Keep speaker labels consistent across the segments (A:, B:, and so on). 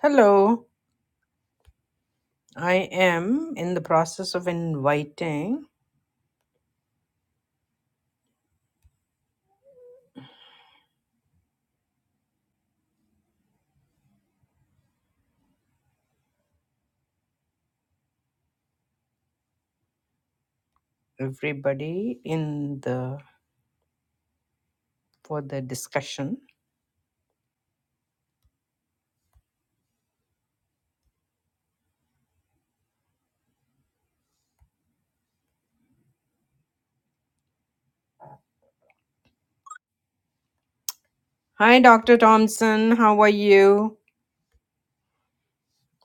A: Hello, I am in the process of inviting everybody in the for the discussion. Hi Dr. Thompson, how are you?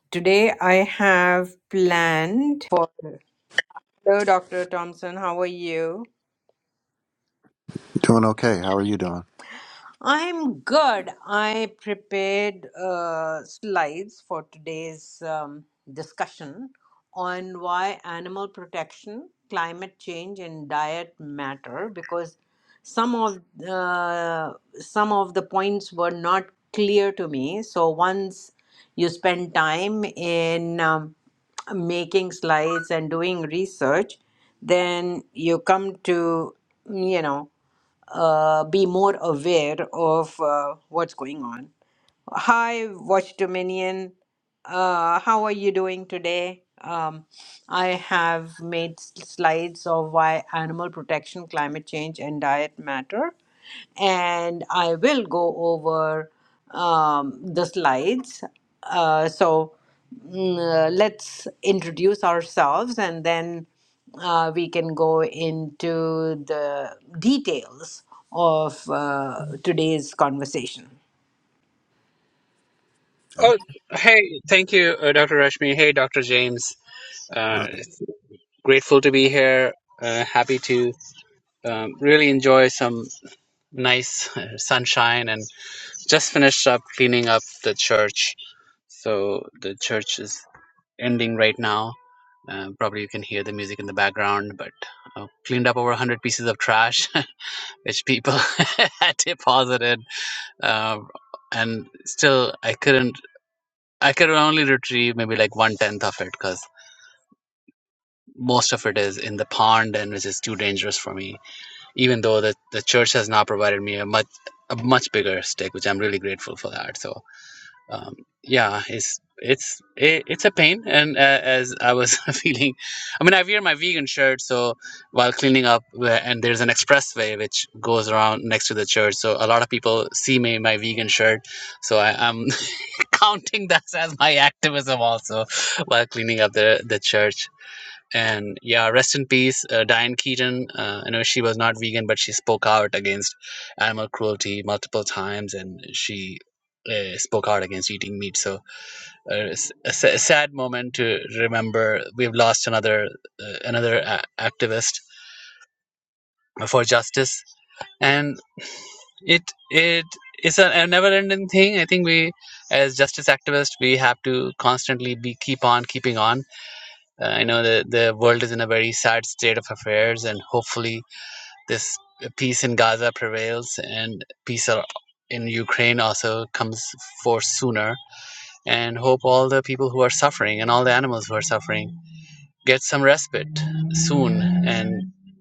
A: Today I have planned for Hello Dr. Thompson, how are you? I'm good. I prepared uh, slides for today's um, discussion on why animal protection, climate change, and diet matter because some of uh, some of the points were not clear to me. So once you spend time in um, making slides and doing research, then you come to you know uh, be more aware of uh, what's going on Hi, Watch Dominion. Uh, how are you doing today? Um, I have made s- slides of why animal protection, climate change, and diet matter. And I will go over um, the slides. Uh, so mm, uh, let's introduce ourselves and then uh, we can go into the details of uh, today's conversation.
B: Oh, hey, thank you, uh, Dr. Rashmi. Hey, Dr. James. Uh, grateful to be here. Uh, happy to um, really enjoy some nice uh, sunshine and just finished up cleaning up the church. So the church is ending right now. Uh, probably you can hear the music in the background, but uh, cleaned up over 100 pieces of trash, which people had deposited. Um and still, I couldn't, I could only retrieve maybe like one tenth of it because most of it is in the pond and which is too dangerous for me even though the, the church has now provided me a much a much bigger stick which i'm really grateful for that so um, yeah it's it's it, it's a pain and uh, as i was feeling i mean i wear my vegan shirt so while cleaning up where- and there's an expressway which goes around next to the church so a lot of people see me in my vegan shirt so I, i'm counting that as my activism also while cleaning up the the church and yeah rest in peace uh, diane keaton uh, i know she was not vegan but she spoke out against animal cruelty multiple times and she uh, spoke out against eating meat so uh, it's a sa- sad moment to remember we've lost another uh, another a- activist for justice and it it is a, a never ending thing i think we as justice activists we have to constantly be keep on keeping on uh, i know that the world is in a very sad state of affairs and hopefully this uh, peace in Gaza prevails and peace in Ukraine also comes forth sooner. And hope all the people who are suffering and all the animals who are suffering get some respite soon. And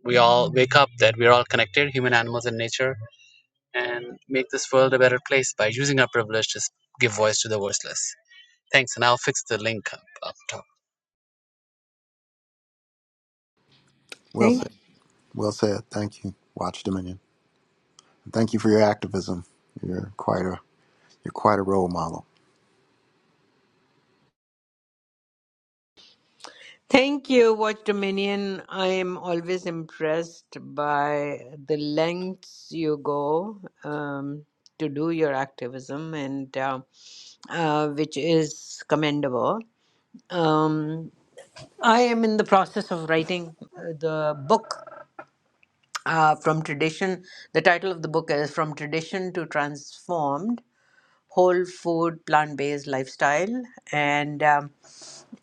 B: we all wake up that we're all connected, human, animals, and nature, and make this world a better place by using our privilege to give voice to the voiceless. Thanks, and I'll fix the link up, up top.
A: Thank Thank you, Watch Dominion. I am always impressed by the lengths you go um, to do your activism, and uh, uh, which is commendable. Um, I am in the process of writing uh, the book uh, from tradition. The title of the book is From Tradition to Transformed Whole Food Plant Based Lifestyle. And um,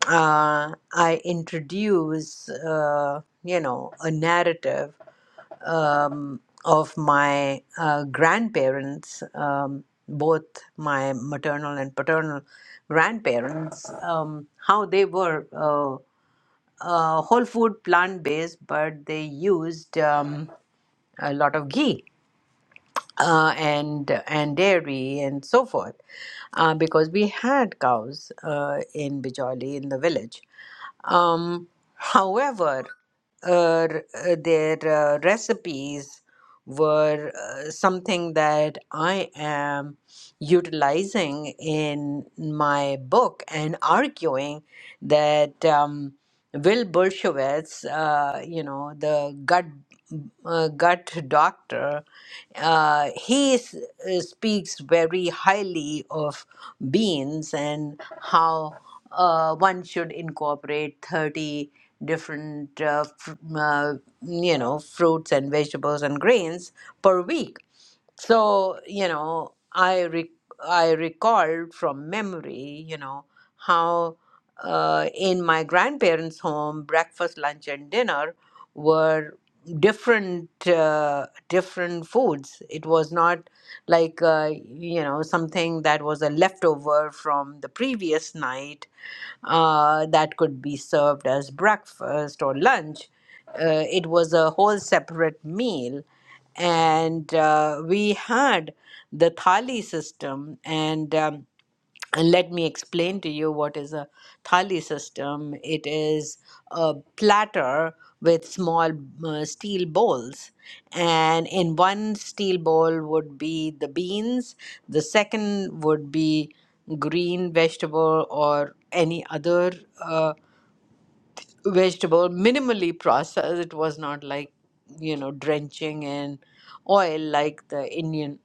A: uh, I introduce, uh, you know, a narrative um, of my uh, grandparents, um, both my maternal and paternal grandparents, um, how they were uh, uh, whole food plant based, but they used um, a lot of ghee. Uh, and and dairy and so forth, uh, because we had cows uh, in Bijoli in the village, um, however, uh, r- uh, their uh, recipes were uh, something that I am utilizing in my book and arguing that. Um, Will Bolshevitz, uh, you know, the gut uh, gut doctor, uh, he is, uh, speaks very highly of beans and how uh, one should incorporate 30 different, uh, fr- uh, you know, fruits and vegetables and grains per week so you know i re- i recalled from memory you know how uh, in my grandparents home breakfast lunch and dinner were different uh, different foods it was not like uh, you know something that was a leftover from the previous night uh, that could be served as breakfast or lunch. Uh, it was a whole separate meal. And uh, we had the thali system, and um, and let me explain to you what is a thali system. It is a platter with small uh, steel bowls, and in one steel bowl would be the beans, the second would be green vegetable or any other uh, vegetable minimally processed it was not like you know drenching in oil like the indian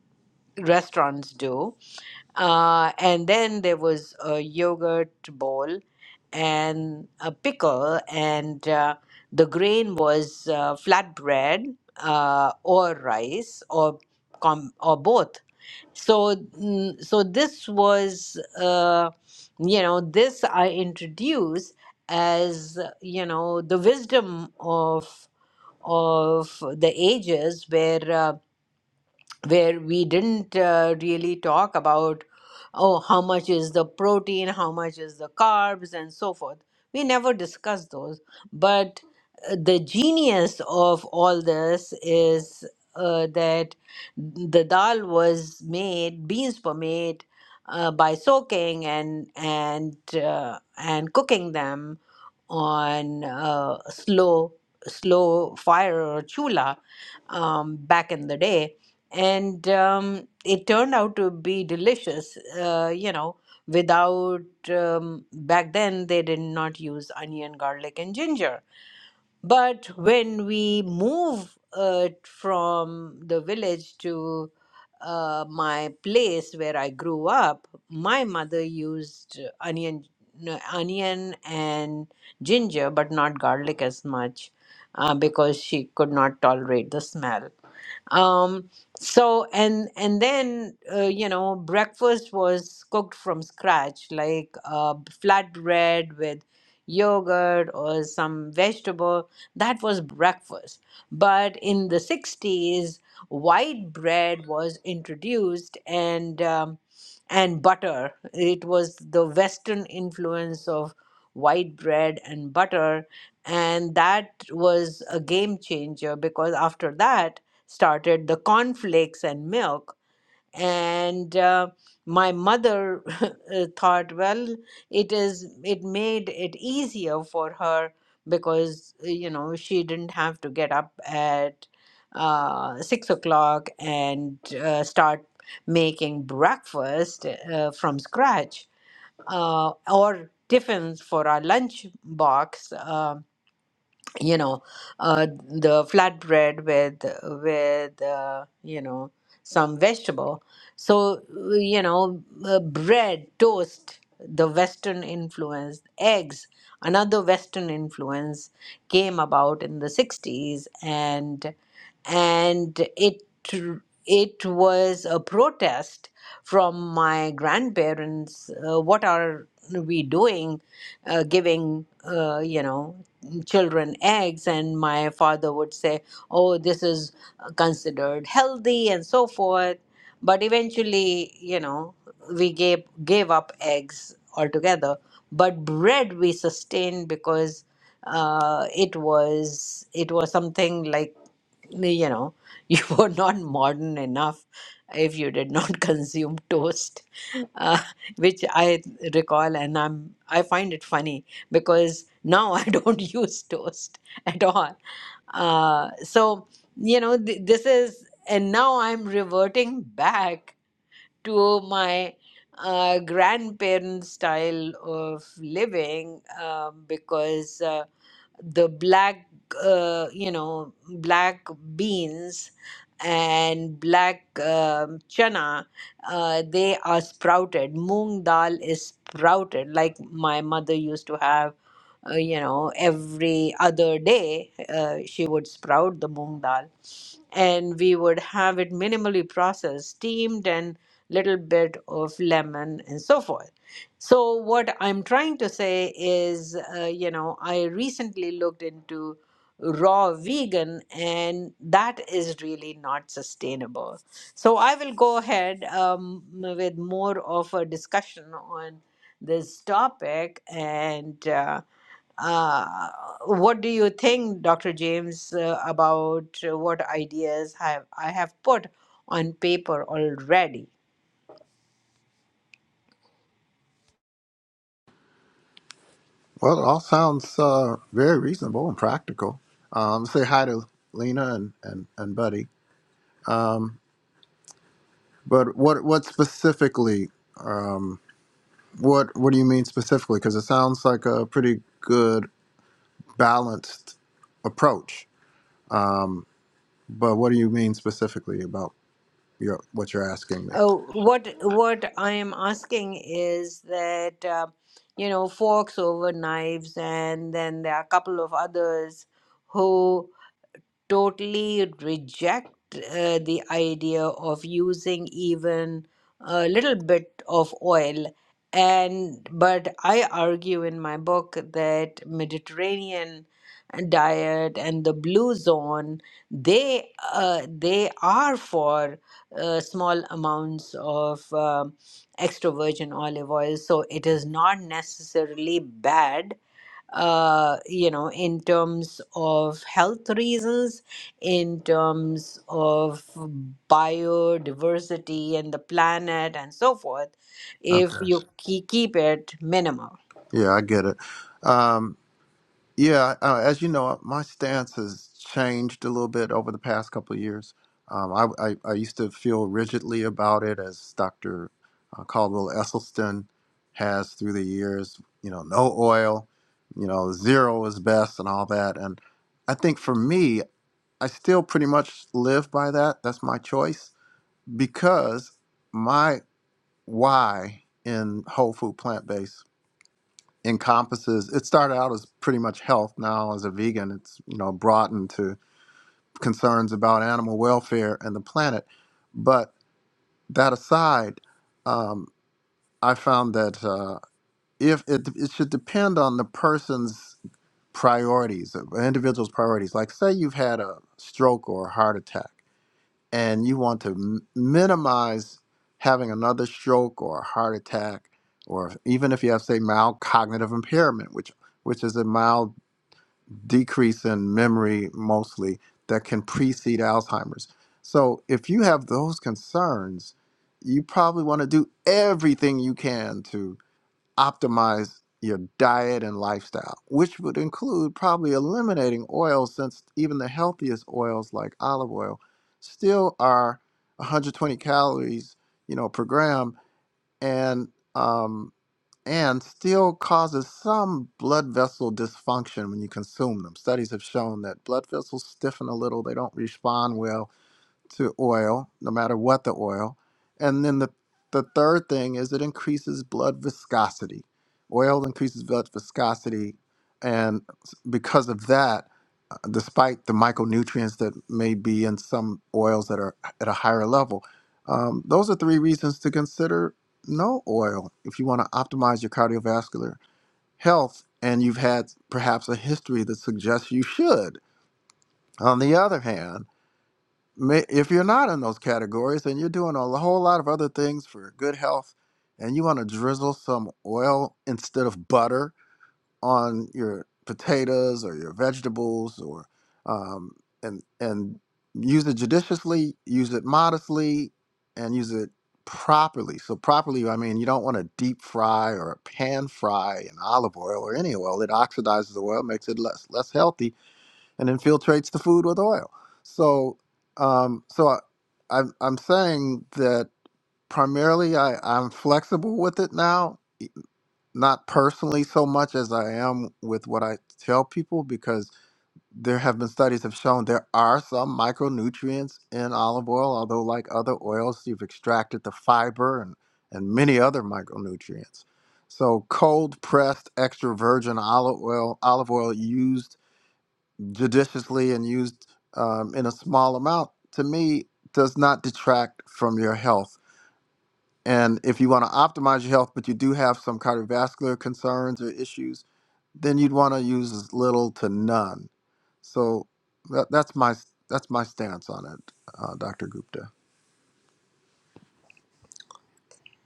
A: restaurants do uh, and then there was a yogurt bowl and a pickle and uh, the grain was uh, flatbread uh, or rice or com- or both so mm, so this was uh, you know this i introduce as uh, you know the wisdom of of the ages where uh, where we didn't uh, really talk about oh how much is the protein how much is the carbs and so forth we never discussed those but uh, the genius of all this is uh, that the dal was made beans were made uh, by soaking and and uh, and cooking them on uh, slow slow fire or chula um, back in the day. And um, it turned out to be delicious, uh, you know, without, um, back then they did not use onion, garlic, and ginger. But when we move uh, from the village to uh, my place where I grew up, my mother used onion, no, onion and ginger, but not garlic as much uh, because she could not tolerate the smell um so and and then uh, you know breakfast was cooked from scratch like uh, flatbread with yogurt or some vegetable that was breakfast but in the 60s white bread was introduced and um, and butter it was the western influence of white bread and butter and that was a game changer because after that started the cornflakes and milk. And uh, my mother uh, thought, well, it is it made it easier for her because uh, you know she didn't have to get up at uh, six o'clock and uh, start making breakfast uh, from scratch uh, or tiffins for our lunch box Um you know uh, the flatbread with with uh, you know some vegetable so uh, you know uh, bread toast the western influence eggs another western influence came about in the 60s and and it it was a protest from my grandparents uh, what are we doing uh, giving uh, you know children eggs and my father would say oh this is uh, considered healthy and so forth. But eventually, you know, we gave gave up eggs altogether. But bread we sustained because uh, it was it was something like you know you were not modern enough if you did not consume toast, uh, which I recall, and I'm I find it funny because now I don't use toast at all. Uh, so you know th- this is and now i'm reverting back to my uh, grandparents style of living um, because uh, the black uh, you know black beans and black um, chana uh, they are sprouted moong dal is sprouted like my mother used to have uh, you know, every other day, uh, she would sprout the moong dal, and we would have it minimally processed, steamed, and little bit of lemon and so forth. So what I'm trying to say is, uh, you know, I recently looked into raw vegan, and that is really not sustainable. So I will go ahead um, with more of a discussion on this topic and. uh, uh, what do you think, Dr. James, uh, about uh, what ideas have I have put on paper already? Oh, what what I am asking is that uh, you know forks over knives, and then there are a couple of others who totally reject uh, the idea of using even a little bit of oil and but i argue in my book that mediterranean diet and the blue zone they uh, they are for uh, small amounts of um extra virgin olive oil so it is not necessarily bad uh, you know, in terms of health reasons, in terms of biodiversity and the planet and so forth, if you ke- keep it minimal.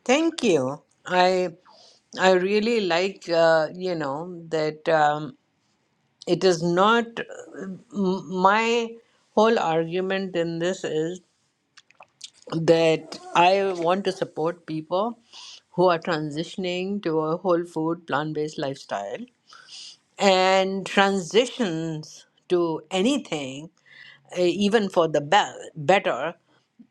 A: Thank you. I I really like uh, you know that um, it is not m- my whole argument in this is that I want to support people who are transitioning to a whole food, plant based lifestyle and transitions to anything, eh, even for the be- better,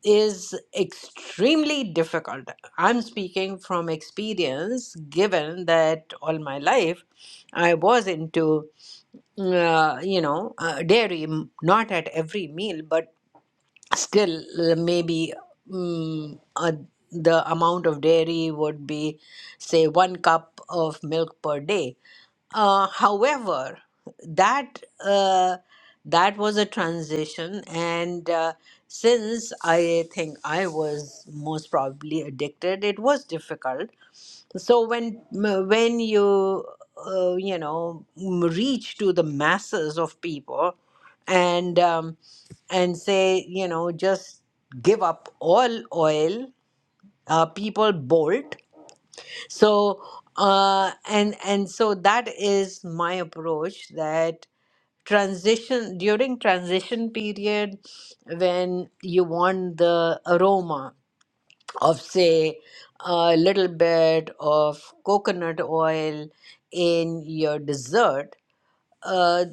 A: is extremely difficult. I'm speaking from experience, given that all my life I was into, uh, you know, uh, dairy, m- not at every meal, but still uh, maybe mm, uh, the amount of dairy would be say one cup of milk per day uh, however, that uh, that was a transition, and uh, since I think I was most probably addicted, it was difficult. So when when you uh, you know reach to the masses of people, and um, and say you know just give up all oil, uh, people bolt so uh, and and so that is my approach that transition during transition period when you want the aroma of say a little bit of coconut oil in your dessert uh,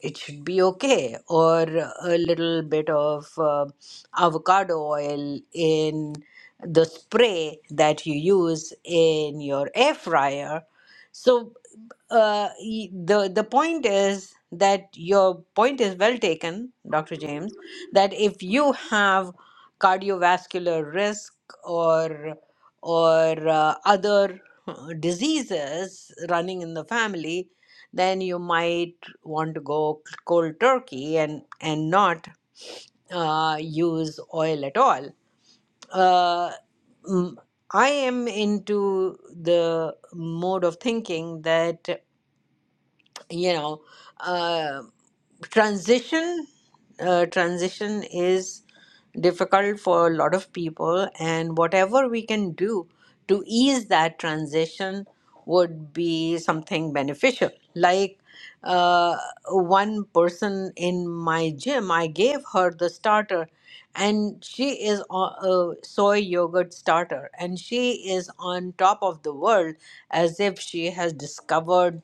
A: it should be okay, or a little bit of uh, avocado oil in the spray that you use in your air fryer. So uh, y- the the point is that your point is well taken, Dr. James, that if you have cardiovascular risk or or uh, other uh, diseases running in the family, then you might want to go cold turkey and and not uh, use oil at all. Uh, mm, I am into the mode of thinking that you know. uh, transition uh, transition is difficult for a lot of people and whatever we can do to ease that transition would be something beneficial like uh, one person in my gym i gave her the starter and she is on a soy yogurt starter and she is on top of the world as if she has discovered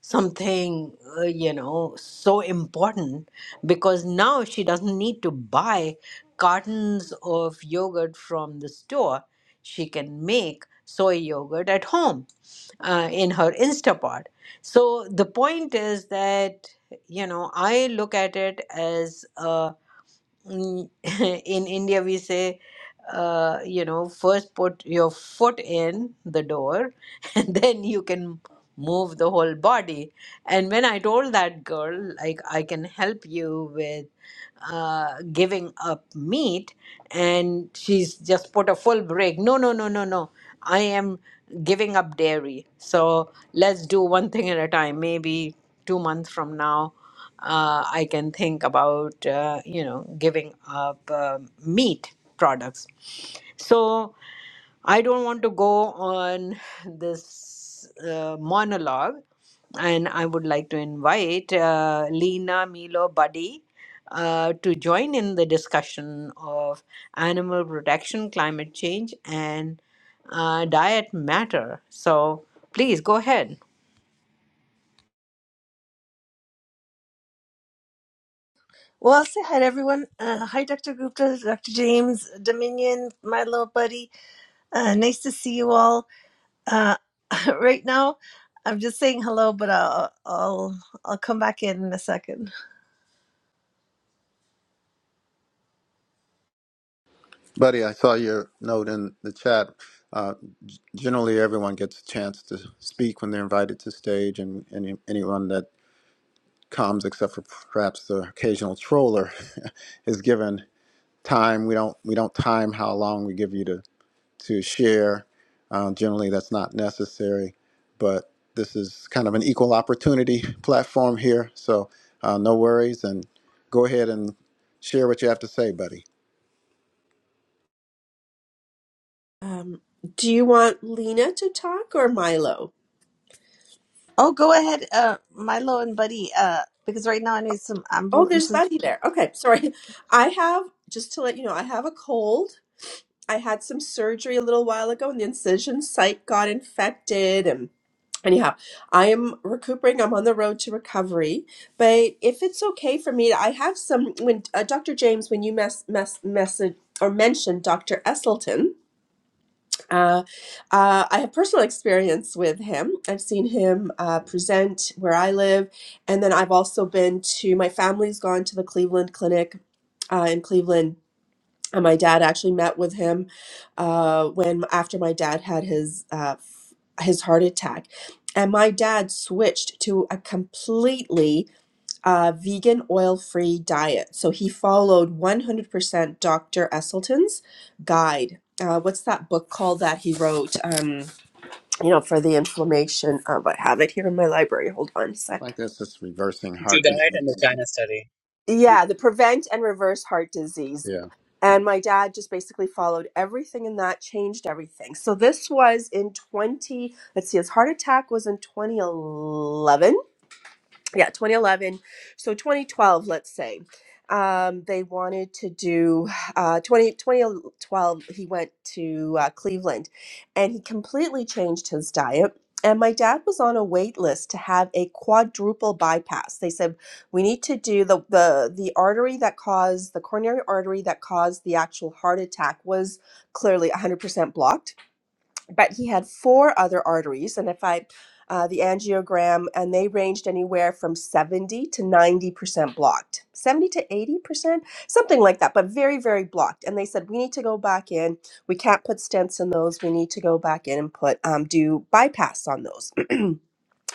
A: something uh, you know so important because now she doesn't need to buy cartons of yogurt from the store she can make soy yogurt at home uh, in her instapot so the point is that you know i look at it as Mm, in India, we say, uh, you know, first put your foot in the door and then you can move the whole body. And when I told that girl, like, I can help you with uh, giving up meat and she's just put a full break no no no no no i am giving up dairy so let's do one thing at a time maybe two months from now uh, i can think about uh, you know giving up uh, meat products so I don't want to go on this uh, monologue, and I would like to invite uh, Lena, Milo, Buddy uh, to join in the discussion of animal protection, climate change, and uh, diet matter. So please go ahead.
C: Well, I'll say hi to everyone. Uh, hi, Dr. Gupta, Dr. James, Dominion, my little buddy. Uh, nice to see you all. Uh, right now, I'm just saying hello, but I'll I'll I'll come back in in a second.
D: Um, do you want Lena to talk or Milo?
C: Oh, go ahead, uh, Milo and Buddy, uh, because right now I need some
D: Oh, there's
C: ambulances.
D: Buddy there. Okay, sorry. I have, just to let you know, I have a cold. I had some surgery a little while ago and the incision site got infected. And anyhow, I am recuperating. I'm on the road to recovery. But if it's okay for me, I have some, when uh, Dr. James, when you mess, mess, message or mentioned Dr. Esselton, Uh, uh, I have personal experience with him. I've seen him uh, present where I live, and then I've also been to my family's gone to the Cleveland Clinic uh, in Cleveland. And my dad actually met with him uh, when after my dad had his uh, f- his heart attack, and my dad switched to a completely uh, vegan oil-free diet. So he followed 100% Dr. Esseltyn's guide. Uh, what's that book called that he wrote? Um, you know, for the inflammation. Um, I have it here in my library. Hold on a sec.
B: Judite and the China study.
D: Yeah, the Prevent and Reverse Heart Disease. And my dad just basically followed everything and that changed everything. So this was in 20, let's see, his heart attack was in 2011 yeah 2011 so 2012 let's say um, they wanted to do uh, 20, 2012 he went to uh, cleveland and he completely changed his diet and my dad was on a wait list to have a quadruple bypass they said we need to do the, the the artery that caused the coronary artery that caused the actual heart attack was clearly 100% blocked but he had four other arteries and if i uh, the angiogram and they ranged anywhere from 70 to 90% blocked 70 to 80% something like that but very very blocked and they said we need to go back in we can't put stents in those we need to go back in and put um, do bypass on those and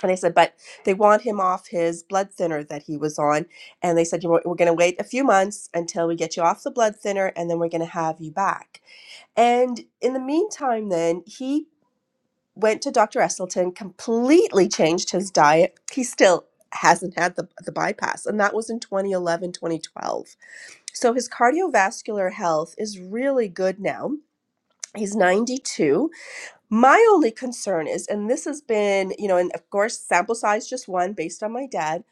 D: they said but they want him off his blood thinner that he was on and they said you know, what, we're going to wait a few months until we get you off the blood thinner and then we're going to have you back and in the meantime, then he went to Dr. Esseltyn, completely changed his diet. He still hasn't had the, the bypass, and that was in 2011, 2012. So his cardiovascular health is really good now. He's 92. My only concern is, and this has been, you know, and of course, sample size just one based on my dad,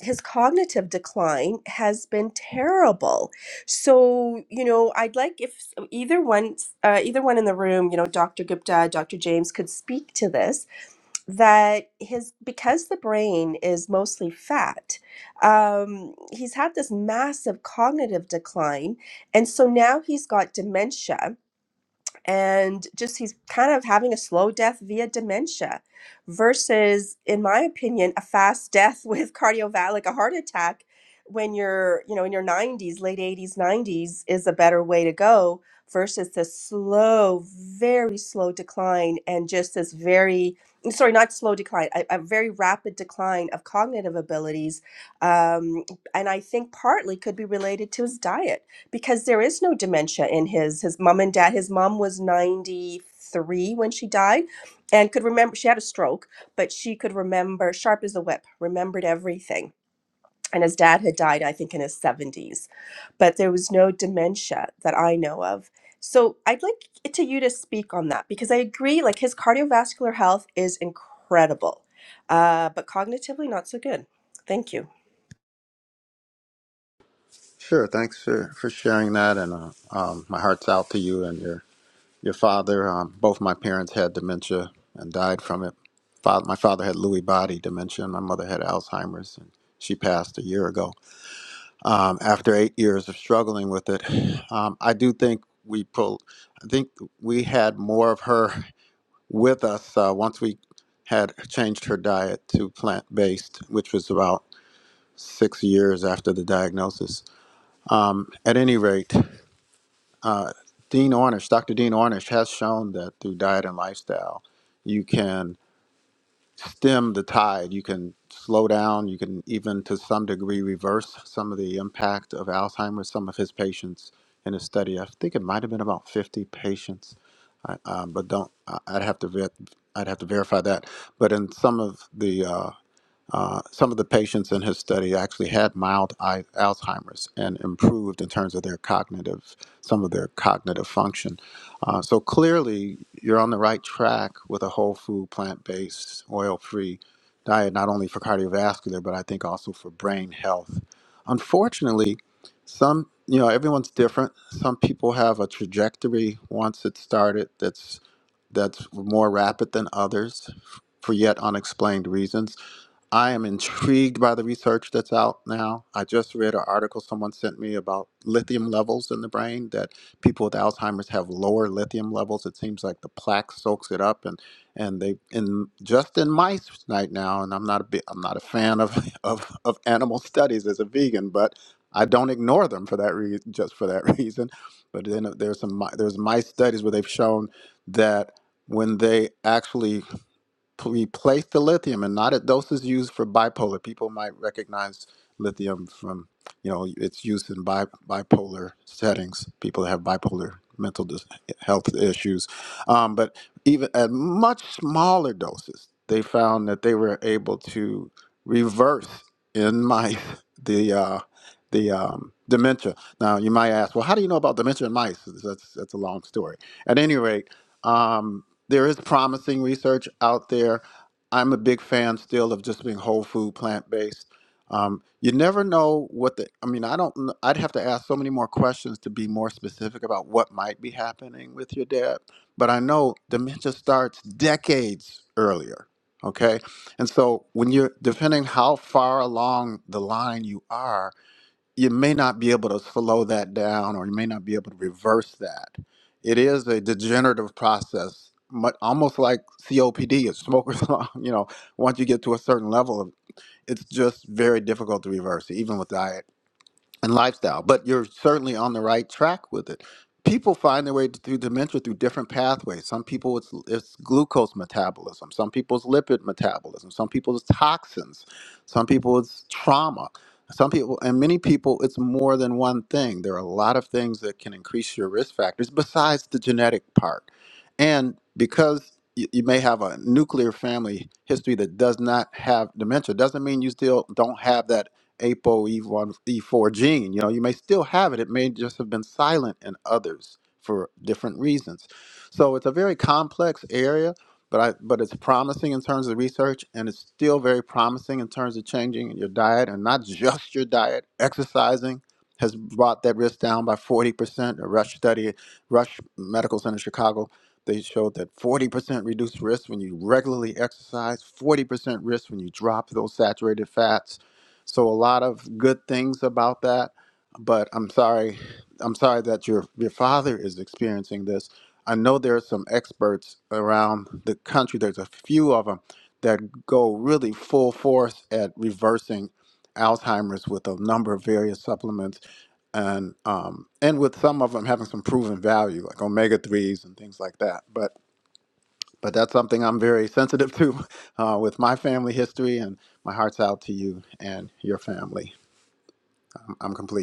D: his cognitive decline has been terrible. So, you know, I'd like if either one, uh, either one in the room, you know, Dr. Gupta, Dr. James could speak to this that his because the brain is mostly fat um, he's had this massive cognitive decline and so now he's got dementia and just he's kind of having a slow death via dementia versus in my opinion a fast death with cardiovascular like a heart attack when you're you know in your 90s late 80s 90s is a better way to go versus the slow very slow decline and just this very sorry not slow decline a, a very rapid decline of cognitive abilities um, and i think partly could be related to his diet because there is no dementia in his his mom and dad his mom was 93 when she died and could remember she had a stroke but she could remember sharp as a whip remembered everything and his dad had died i think in his 70s but there was no dementia that i know of so i'd like it to you to speak on that because i agree like his cardiovascular health is incredible uh, but cognitively not so good thank you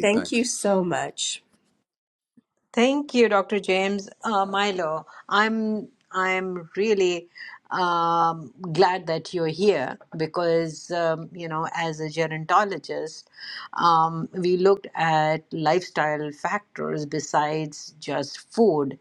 D: thank you so much
A: Thank you, Dr. James. Uh, Milo, I'm I'm really um, glad that you're here because um, you know, as a gerontologist, um, we looked at lifestyle factors besides just food,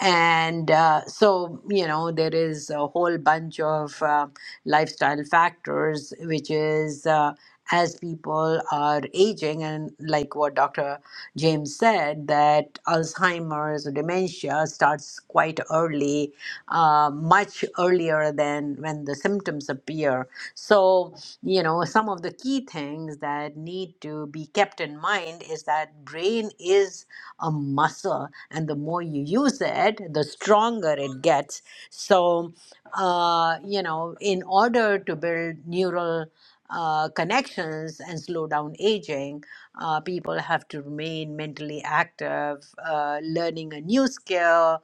A: and uh, so you know, there is a whole bunch of uh, lifestyle lifestyle factors, which is uh, as people are aging, and like what Dr. James said, that Alzheimer's or dementia starts quite early, uh, much earlier than when the symptoms appear. So, you know, some of the key things that need to be kept in mind is that brain is a muscle, and the more you use it, the stronger it gets. So, uh, you know, in order to build neural uh, connections and slow down aging, uh, people have to remain mentally active, uh, learning a new skill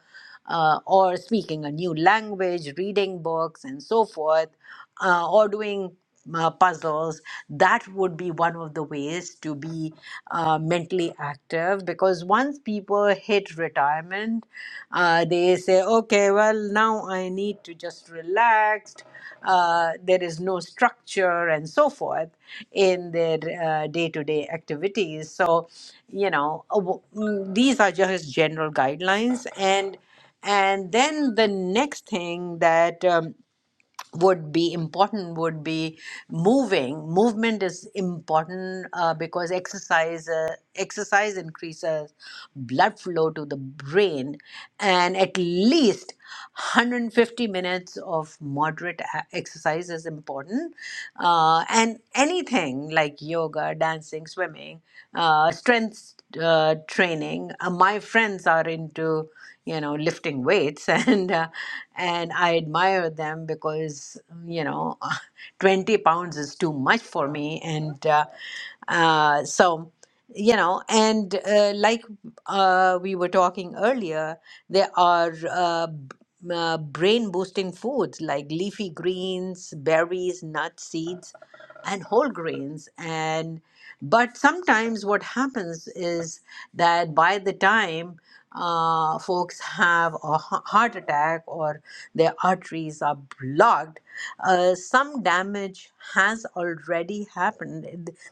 A: uh, or speaking a new language, reading books, and so forth uh, or doing uh, puzzles that would be one of the ways to be uh, mentally active because once people hit retirement uh, they say okay well now i need to just relax uh, there is no structure and so forth in their uh, day-to-day activities so you know uh, w- mm, these are just general guidelines and and then the next thing that um, would be important would be moving movement is important uh, because exercise uh, exercise increases blood flow to the brain and at least 150 minutes of moderate a- exercise is important uh, and anything like yoga dancing swimming uh, strength uh, training uh, my friends are into you know lifting weights and uh, and i admire them because you know 20 pounds is too much for me and uh, uh, so you know and uh, like uh, we were talking earlier there are uh, b- uh, brain boosting foods like leafy greens berries nuts seeds and whole grains and but sometimes what happens is that by the time uh, folks have a heart attack or their arteries are blocked, uh, some damage has already happened.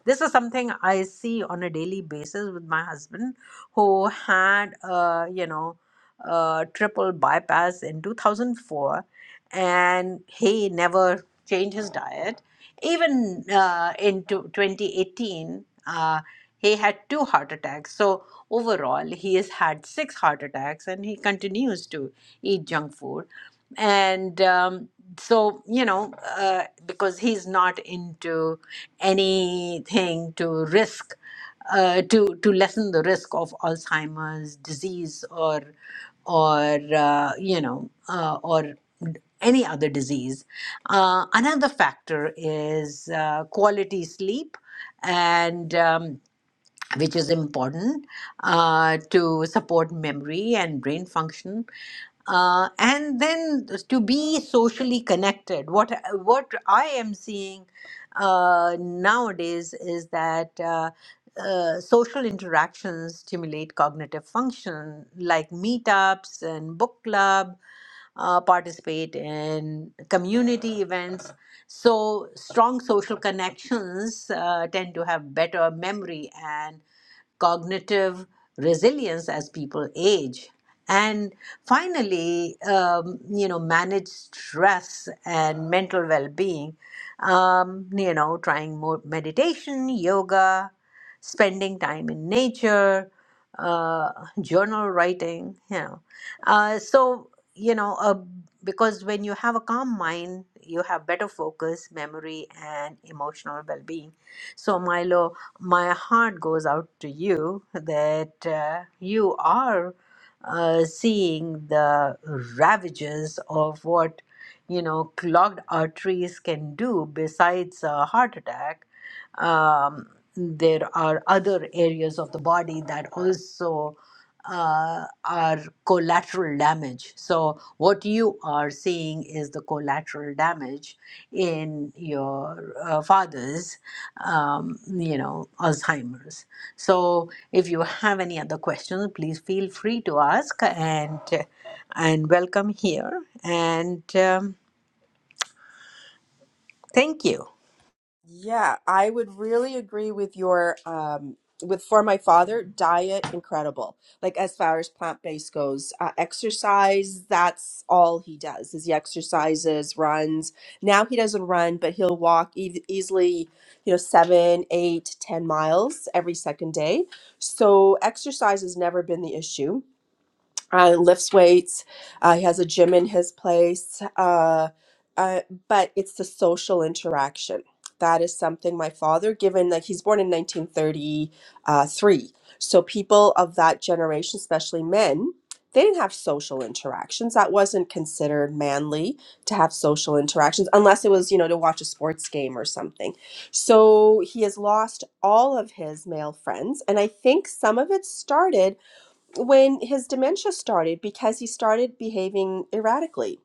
A: This is something I see on a daily basis with my husband, who had, uh, you know, a triple bypass in 2004, and he never changed his diet. Even uh, in 2018, uh, he had two heart attacks. So overall he has had six heart attacks and he continues to eat junk food and um, so you know uh, because he's not into anything to risk uh, to to lessen the risk of alzheimer's disease or or uh, you know uh, or any other disease uh, another factor is uh, quality sleep and um, which is important uh, to support memory and brain function uh, and then to be socially connected. What what I am seeing uh, nowadays is that uh, uh, social interactions stimulate cognitive function, like meetups and book club. Uh, participate in community events. So strong social connections uh, tend to have better memory and cognitive resilience as people age and finally um, you know manage stress and mental well-being um, you know trying more meditation yoga spending time in nature uh, journal writing you know uh, so you know uh, because when you have a calm mind you have better focus memory and emotional well-being so milo my heart goes out to you that uh, you are uh, seeing the ravages of what you know clogged arteries can do besides a heart attack um, there are other areas of the body that also uh, are collateral damage so what you are seeing is the collateral damage in your uh, fathers um, you know, Alzheimer's. So if you have any other questions, please feel free to ask and and welcome here. And um, thank you.
D: Yeah, I would really agree with your um with for my father, diet incredible. Like as far as plant-based goes, uh, exercise, that's all he does. Is he exercises, runs. Now he doesn't run, but he'll walk e- easily, you know, seven, eight, ten miles every second day. So exercise has never been the issue uh, lifts weights. Uh, he has a gym in his place. Uh, uh, but it's the social interaction. That is something my father, given that he's born in 1933. So people of that generation, especially men, they didn't have social interactions. That wasn't considered manly to have social interactions unless it was, you know, to watch a sports game or something. So he has lost all of his male friends. And I think some of it started when his dementia started because he started behaving erratically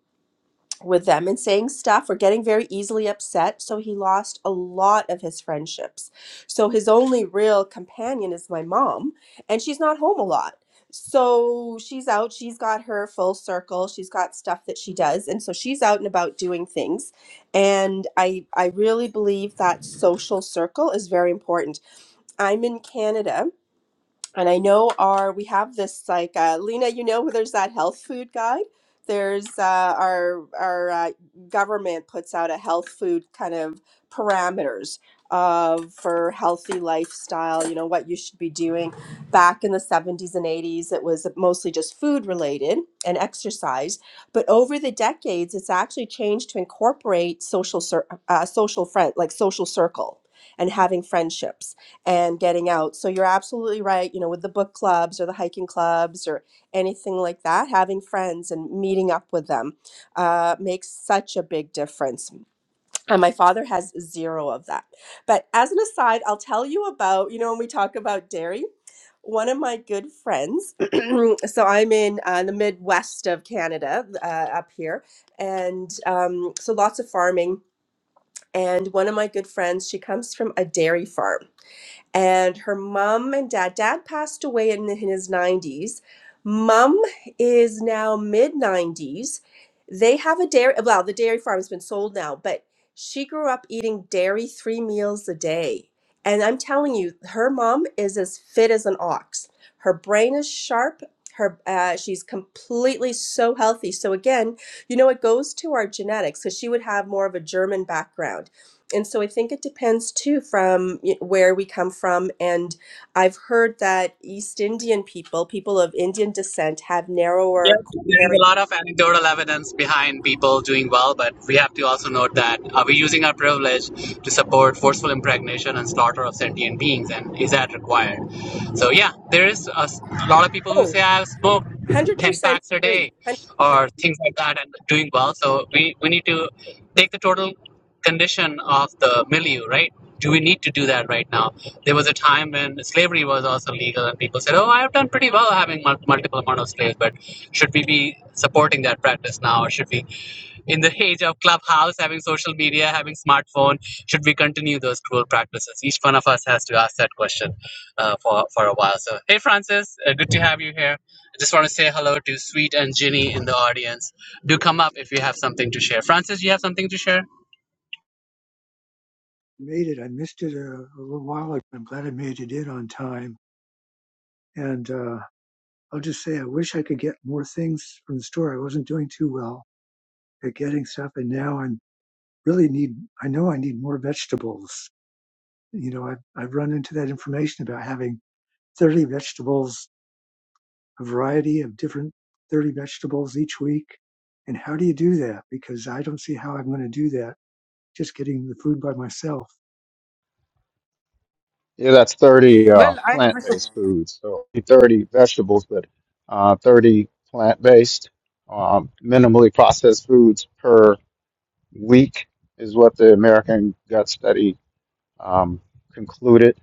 D: with them and saying stuff or getting very easily upset. So he lost a lot of his friendships. So his only real companion is my mom, and she's not home a lot. So she's out, she's got her full circle, she's got stuff that she does, and so she's out and about doing things. And I I really believe that social circle is very important. I'm in Canada and I know our we have this like uh, Lena, you know, there's that health food guide. There's uh, our our uh, government puts out a health food kind of parameters of for healthy lifestyle. You know what you should be doing. Back in the 70s and 80s, it was mostly just food related and exercise. But over the decades, it's actually changed to incorporate social cir- uh, social friend like social circle and having friendships and getting out. So you're absolutely right, you know, with the book clubs or the hiking clubs or anything like that, having friends and meeting up with them uh, makes such a big difference. And my father has zero of that. But as an aside, I'll tell you about, you know, when we talk about dairy, one of my good friends, so I'm in uh, the Midwest of Canada uh, up here, and um, so lots of farming. And one of my good friends, she comes from a dairy farm and her mom and dad dad passed away in his 90s mom is now mid 90s they have a dairy well the dairy farm has been sold now but she grew up eating dairy three meals a day and i'm telling you her mom is as fit as an ox her brain is sharp her uh, she's completely so healthy so again you know it goes to our genetics because she would have more of a german background and so I think it depends too from y- where we come from. And I've heard that East Indian people, people of Indian descent, have
B: Yeah,
D: narrower
B: there is
D: coronary.
B: a lot of anecdotal evidence behind people doing well, but we have to also note that are we using our privilege to support forceful impregnation and slaughter of sentient beings, and is that required? So, yeah, there is a s- a lot of people who
D: Oh,
B: say, I've smoked 10
D: 100%
B: packs a
D: agree.
B: day
D: 100%
B: or things like that and doing well. So, we, we need to take the total condition of the milieu, right? Do we need to do that right now? There was a time when slavery was also legal, and people said, "Oh, I have done pretty well having mul- multiple amount of slaves." But should we be supporting that practice now or should we in the age of clubhouse having social media having smartphone should we continue those cruel practices each one of us has to ask that question uh, for for a while so hey francis uh, good to have you here i just want to say hello to sweet and ginny in the audience do come up if you have something to share francis you have something to share
E: made it. I missed it a, a little while ago. I'm glad I made it in on time. And uh, I'll just say, I wish I could get more things from the store. I wasn't doing too well at getting stuff, and now I'm really need. I know I need more vegetables. You know, I've I've run into that information about having 30 vegetables, a variety of different 30 vegetables each week. And how do you do that? Because I don't see how I'm going to do that just getting the food by myself.
F: Yeah, that's 30 uh,
A: Well, I have a
F: plant-based foods. So 30 vegetables, but uh, 30 plant-based, um, minimally processed foods per week is what the American Gut Study um, concluded.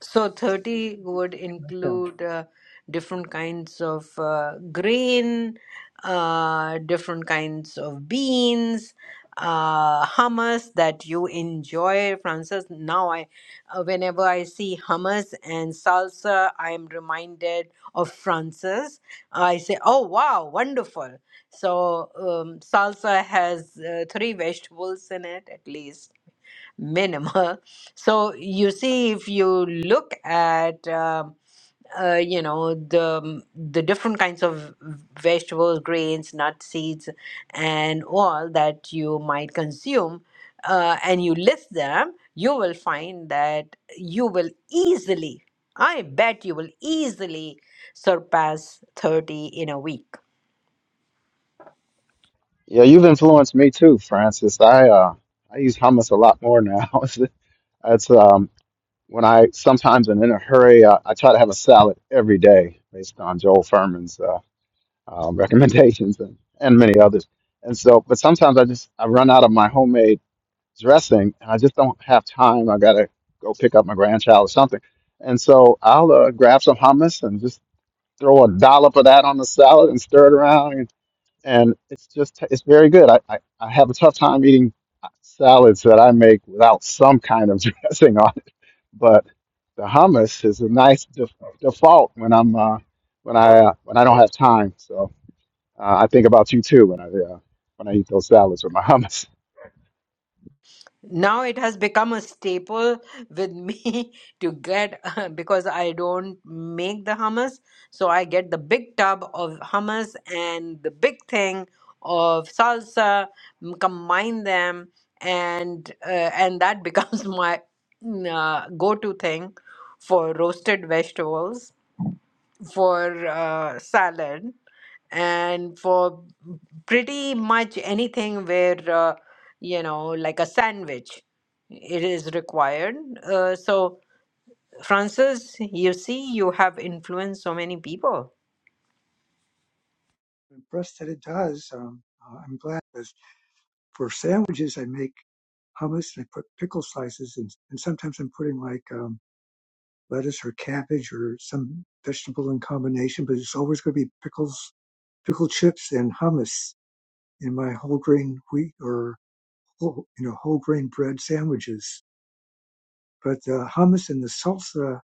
A: So
E: This is some
A: 30
E: kind of
A: would
E: information I found.
A: include uh, different kinds of uh, grain, uh, different kinds of beans, uh, hummus that you enjoy, Francis. Now, I, uh, whenever I see hummus and salsa, I am reminded of Francis. I say, "Oh wow, wonderful!" So um, salsa has uh, three vegetables in it at least minimal. So you see, if you look at um, uh, you know the um, the different kinds of vegetables, grains, nuts, seeds, and all that you might consume, uh, and you list them, you will find that you will easily, I bet you will easily surpass thirty in a week
F: Yeah, you've influenced me too, Francis. I uh, I use hummus a lot more now. That's um, when I sometimes am in a hurry. Uh, I try to have a salad every day, based on Joel Furman's. uh, um, recommendations and, and many others. And so, but sometimes I just I run out of my homemade dressing and I just don't have time. I gotta go pick up my grandchild or something. And so I'll uh, grab some hummus and just throw a dollop of that on the salad and stir it around, and, and it's just it's very good. I, I I have a tough time eating salads that I make without some kind of dressing on it, but the hummus is a nice def- default when I'm uh, when I uh, when I don't have time. So. Uh, I think about you too when I uh, when I eat those salads with my hummus.
A: Now it has become a staple with me to get because I don't make the hummus, so I get the big tub of hummus and the big thing of salsa, m- combine them, and uh, and that becomes my mm, uh, go-to thing for roasted vegetables for uh, salad and for pretty much anything where uh, you know like a sandwich it is required uh, so francis you see you have influenced so many people
E: impressed that it does. Um, uh, I'm glad because for sandwiches, I make hummus and I put pickle slices and, and sometimes I'm putting like um, lettuce or cabbage or some vegetable in combination, but it's always going to be pickles, pickle chips and hummus in my whole grain wheat or whole, you know, whole grain bread sandwiches. But the hummus and the salsa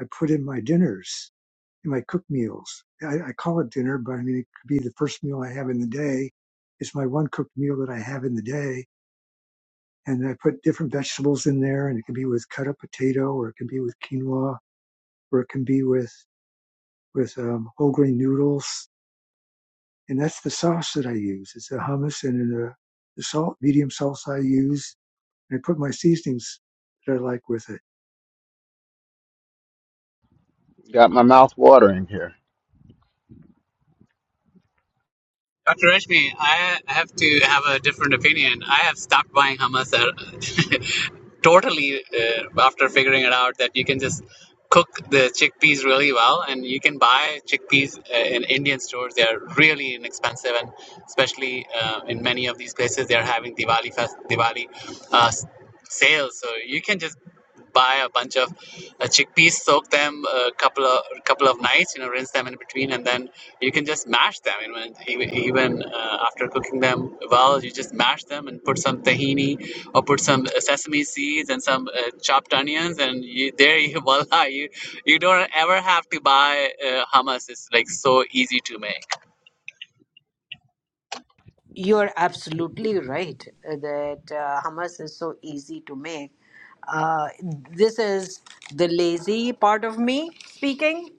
E: I put in my dinners in my cook meals. I, I call it dinner, but I mean, it could be the first meal I have in the day. It's my one cooked meal that I have in the day. And I put different vegetables in there and it can be with cut up potato or it can be with quinoa or it can be with, with um, whole grain noodles. And that's the sauce that I use. It's a hummus and a, the salt, medium sauce I use. And I put my seasonings that I like with it.
F: Got my mouth watering here.
B: Dr. Rashmi, I have to have a different opinion. I have stopped buying hummus uh, totally uh, after figuring it out that you can just cook the chickpeas really well, and you can buy chickpeas uh, in Indian stores. They are really inexpensive, and especially uh, in many of these places, they are having Diwali fest, Diwali uh, s- sales. So you can just buy a bunch of uh, chickpeas, soak them a couple of couple of nights, you know, rinse them in between, and then you can just mash them. You know, and even even uh, after cooking them well, you just mash them and put some tahini or put some uh, sesame seeds and some uh, chopped onions, and you, there you voila, you you don't ever have to buy uh, hummus. It's like so easy to make.
A: You're absolutely right uh, that uh, hummus is so easy to make. Uh, this is the lazy part of me speaking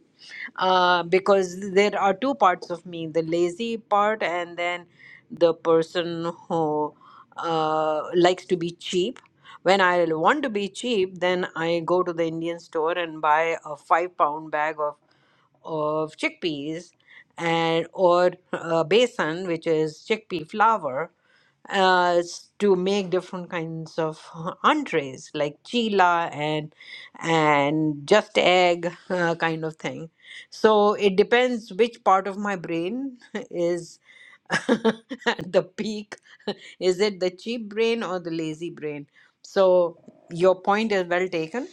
A: uh, because there are two parts of me the lazy part, and then the person who uh, likes to be cheap. When I want to be cheap, then I go to the Indian store and buy a five pound bag of of chickpeas and or uh, besan, which is chickpea flour, uh, s- to make different kinds of uh, entrees like chila and and just egg uh, kind of thing. So it depends which part of my brain is at the peak. Is it the cheap brain or the lazy brain? So your point is well taken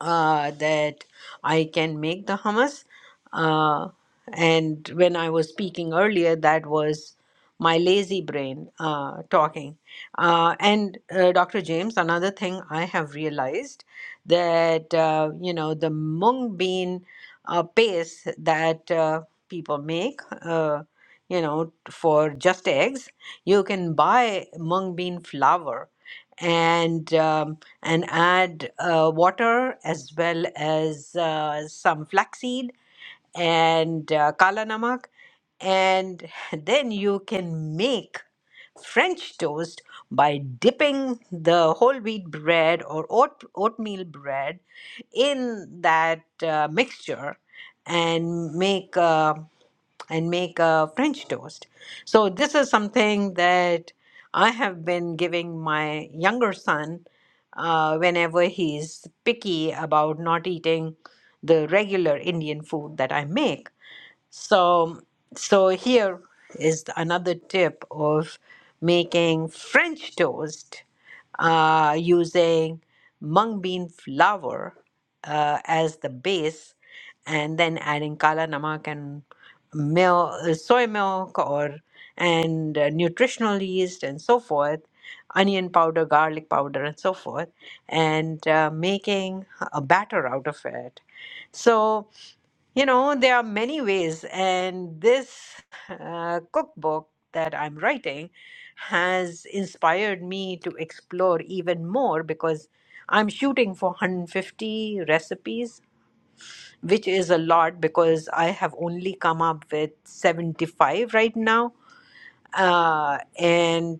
A: uh, that I can make the hummus. Uh, and when I was speaking earlier, that was my lazy brain uh, talking. Uh, and uh, Dr. James, another thing I have realized that, uh, you know, the mung bean uh, paste that uh, people make. Uh, you know, for just eggs, you can buy mung bean flour, and um, and add uh, water as well as uh, some flaxseed and uh, kala namak. And then you can make French toast by dipping the whole wheat bread or oat, oatmeal bread in that uh, mixture and make. uh, and make a French toast. So, this is something that I have been giving my younger son uh, whenever he's picky about not eating the regular Indian food that I make so, so here is another tip of making French toast uh, using mung bean flour uh, as the base, and then adding kala namak and milk, soy milk, or and uh, nutritional yeast and so forth, onion powder, garlic powder, and so forth, and uh, making a batter out of it. So. You know, there are many ways, and this uh, cookbook that I'm writing has inspired me to explore even more because I'm shooting for 150 recipes, which is a lot because I have only come up with 75 right now uh, and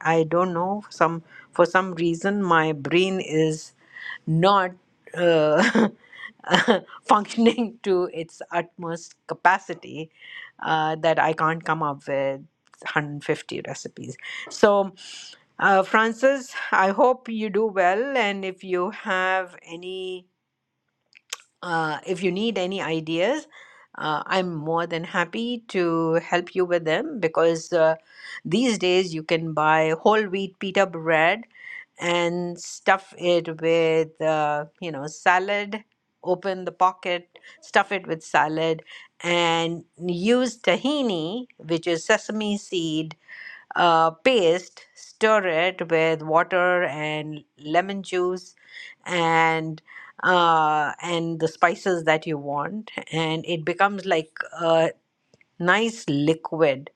A: I don't know some for some reason my brain is not uh, functioning to its utmost capacity uh, that I can't come up with 150 recipes. So, uh, Francis, I hope you do well, and if you have any uh, if you need any ideas, uh, I'm more than happy to help you with them because uh, these days you can buy whole wheat pita bread and stuff it with uh, you know salad open the pocket stuff it with salad and use tahini which is sesame seed uh, paste, stir it with water and lemon juice and uh, and the spices that you want, and it becomes like a nice liquid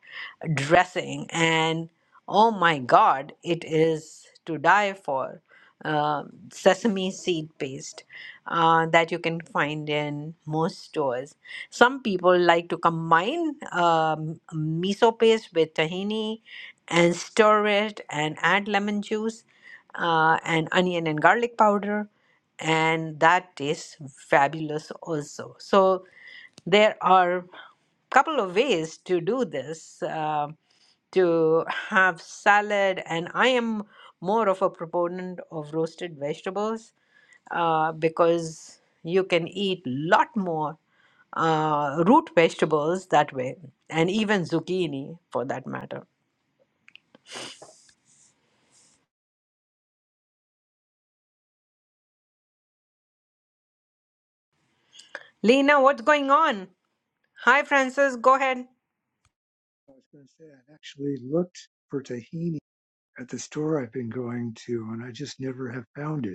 A: dressing. And oh my God, it is to die for. Um sesame seed paste uh, that you can find in most stores. Some people like to combine um, miso paste with tahini and stir it and add lemon juice uh, and onion and garlic powder and that tastes fabulous also so there are couple of ways to do this uh, to have salad and i am more of a proponent of roasted vegetables uh, because you can eat lot more uh, root vegetables that way and even zucchini for that matter Lena, what's going on? Hi, Francis. Go ahead.
E: I was going to say, I've actually looked for tahini at the store I've been going to and I just never have found it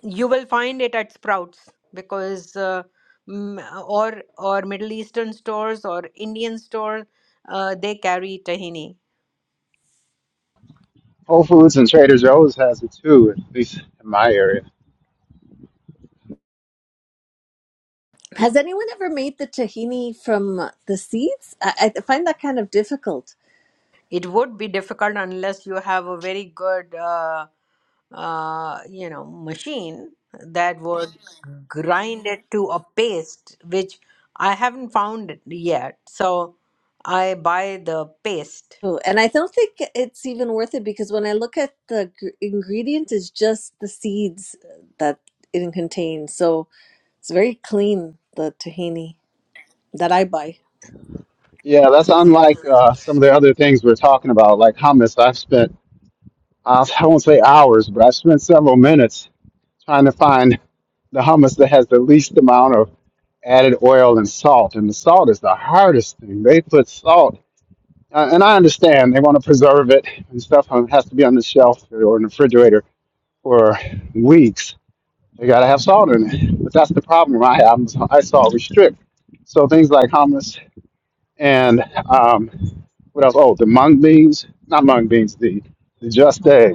A: You will find it at Sprouts because, uh, mm, or or Middle Eastern stores or Indian stores, uh, they carry tahini.
F: Whole Foods and Trader Joe's has it too, at least in my area.
C: Has anyone ever made the tahini from uh, the seeds? I, I find that kind of difficult.
A: It would be difficult unless you have a very good, uh, uh, you know, machine that would grind it to a paste, which I haven't found it yet. So I buy the paste
C: Oh, and I don't think it's even worth it because when I look at the gr- ingredient, it's just the seeds uh, that it contains. So it's very clean, the tahini that I buy.
F: Yeah, that's unlike uh, some of the other things we're talking about, like hummus. I've spent uh, I won't say hours, but I've spent several minutes trying to find the hummus that has the least amount of added oil and salt. And the salt is the hardest thing. They put salt, uh, and I understand they want to preserve it and stuff. huh, It has to be on the shelf or in the refrigerator for weeks. They got to have salt in it. But that's the problem I have. I saw restrict. So things like hummus and um, what else? Oh, the mung beans, not mung beans, the, the just egg.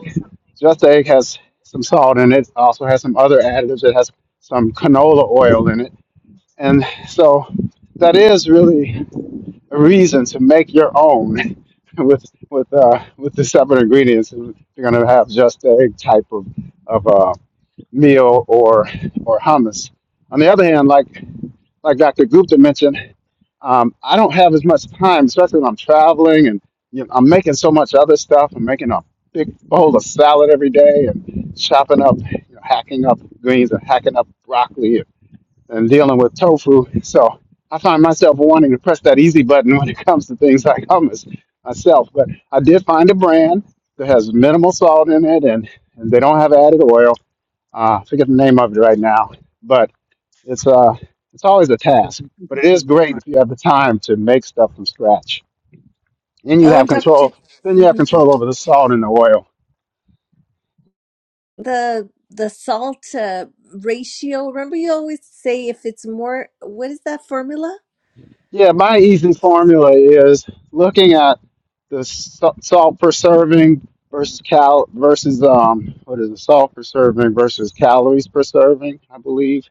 F: Just egg has some salt in it, also has some other additives. It has some canola oil in it. And so that is really a reason to make your own with with uh, with the separate ingredients. You're gonna have just egg type of, of uh, meal or or hummus. On the other hand, like like Dr. Gupta mentioned, um, I don't have as much time, especially when I'm traveling and you know, I'm making so much other stuff. I'm making a big bowl of salad every day and chopping up, you know, hacking up greens and hacking up broccoli and dealing with tofu. So I find myself wanting to press that easy button when it comes to things like hummus myself. But I did find a brand that has minimal salt in it and, and they don't have added oil. Uh, I forget the name of it right now, but it's uh, it's always a
E: Yes,
F: task,
E: we speak
F: but
E: in
F: it is
E: the name
F: great if you have the time to make stuff from scratch. And you
C: Oh,
F: have
C: and Dr.
F: control. Then you have
C: Mhm.
F: control over the salt and the oil.
C: The the salt uh, ratio. Remember, you always say if it's more, what is that formula?
F: Yeah, my easy formula is looking at the sa- salt per serving versus cal versus um what is it salt per serving versus calories per serving i believe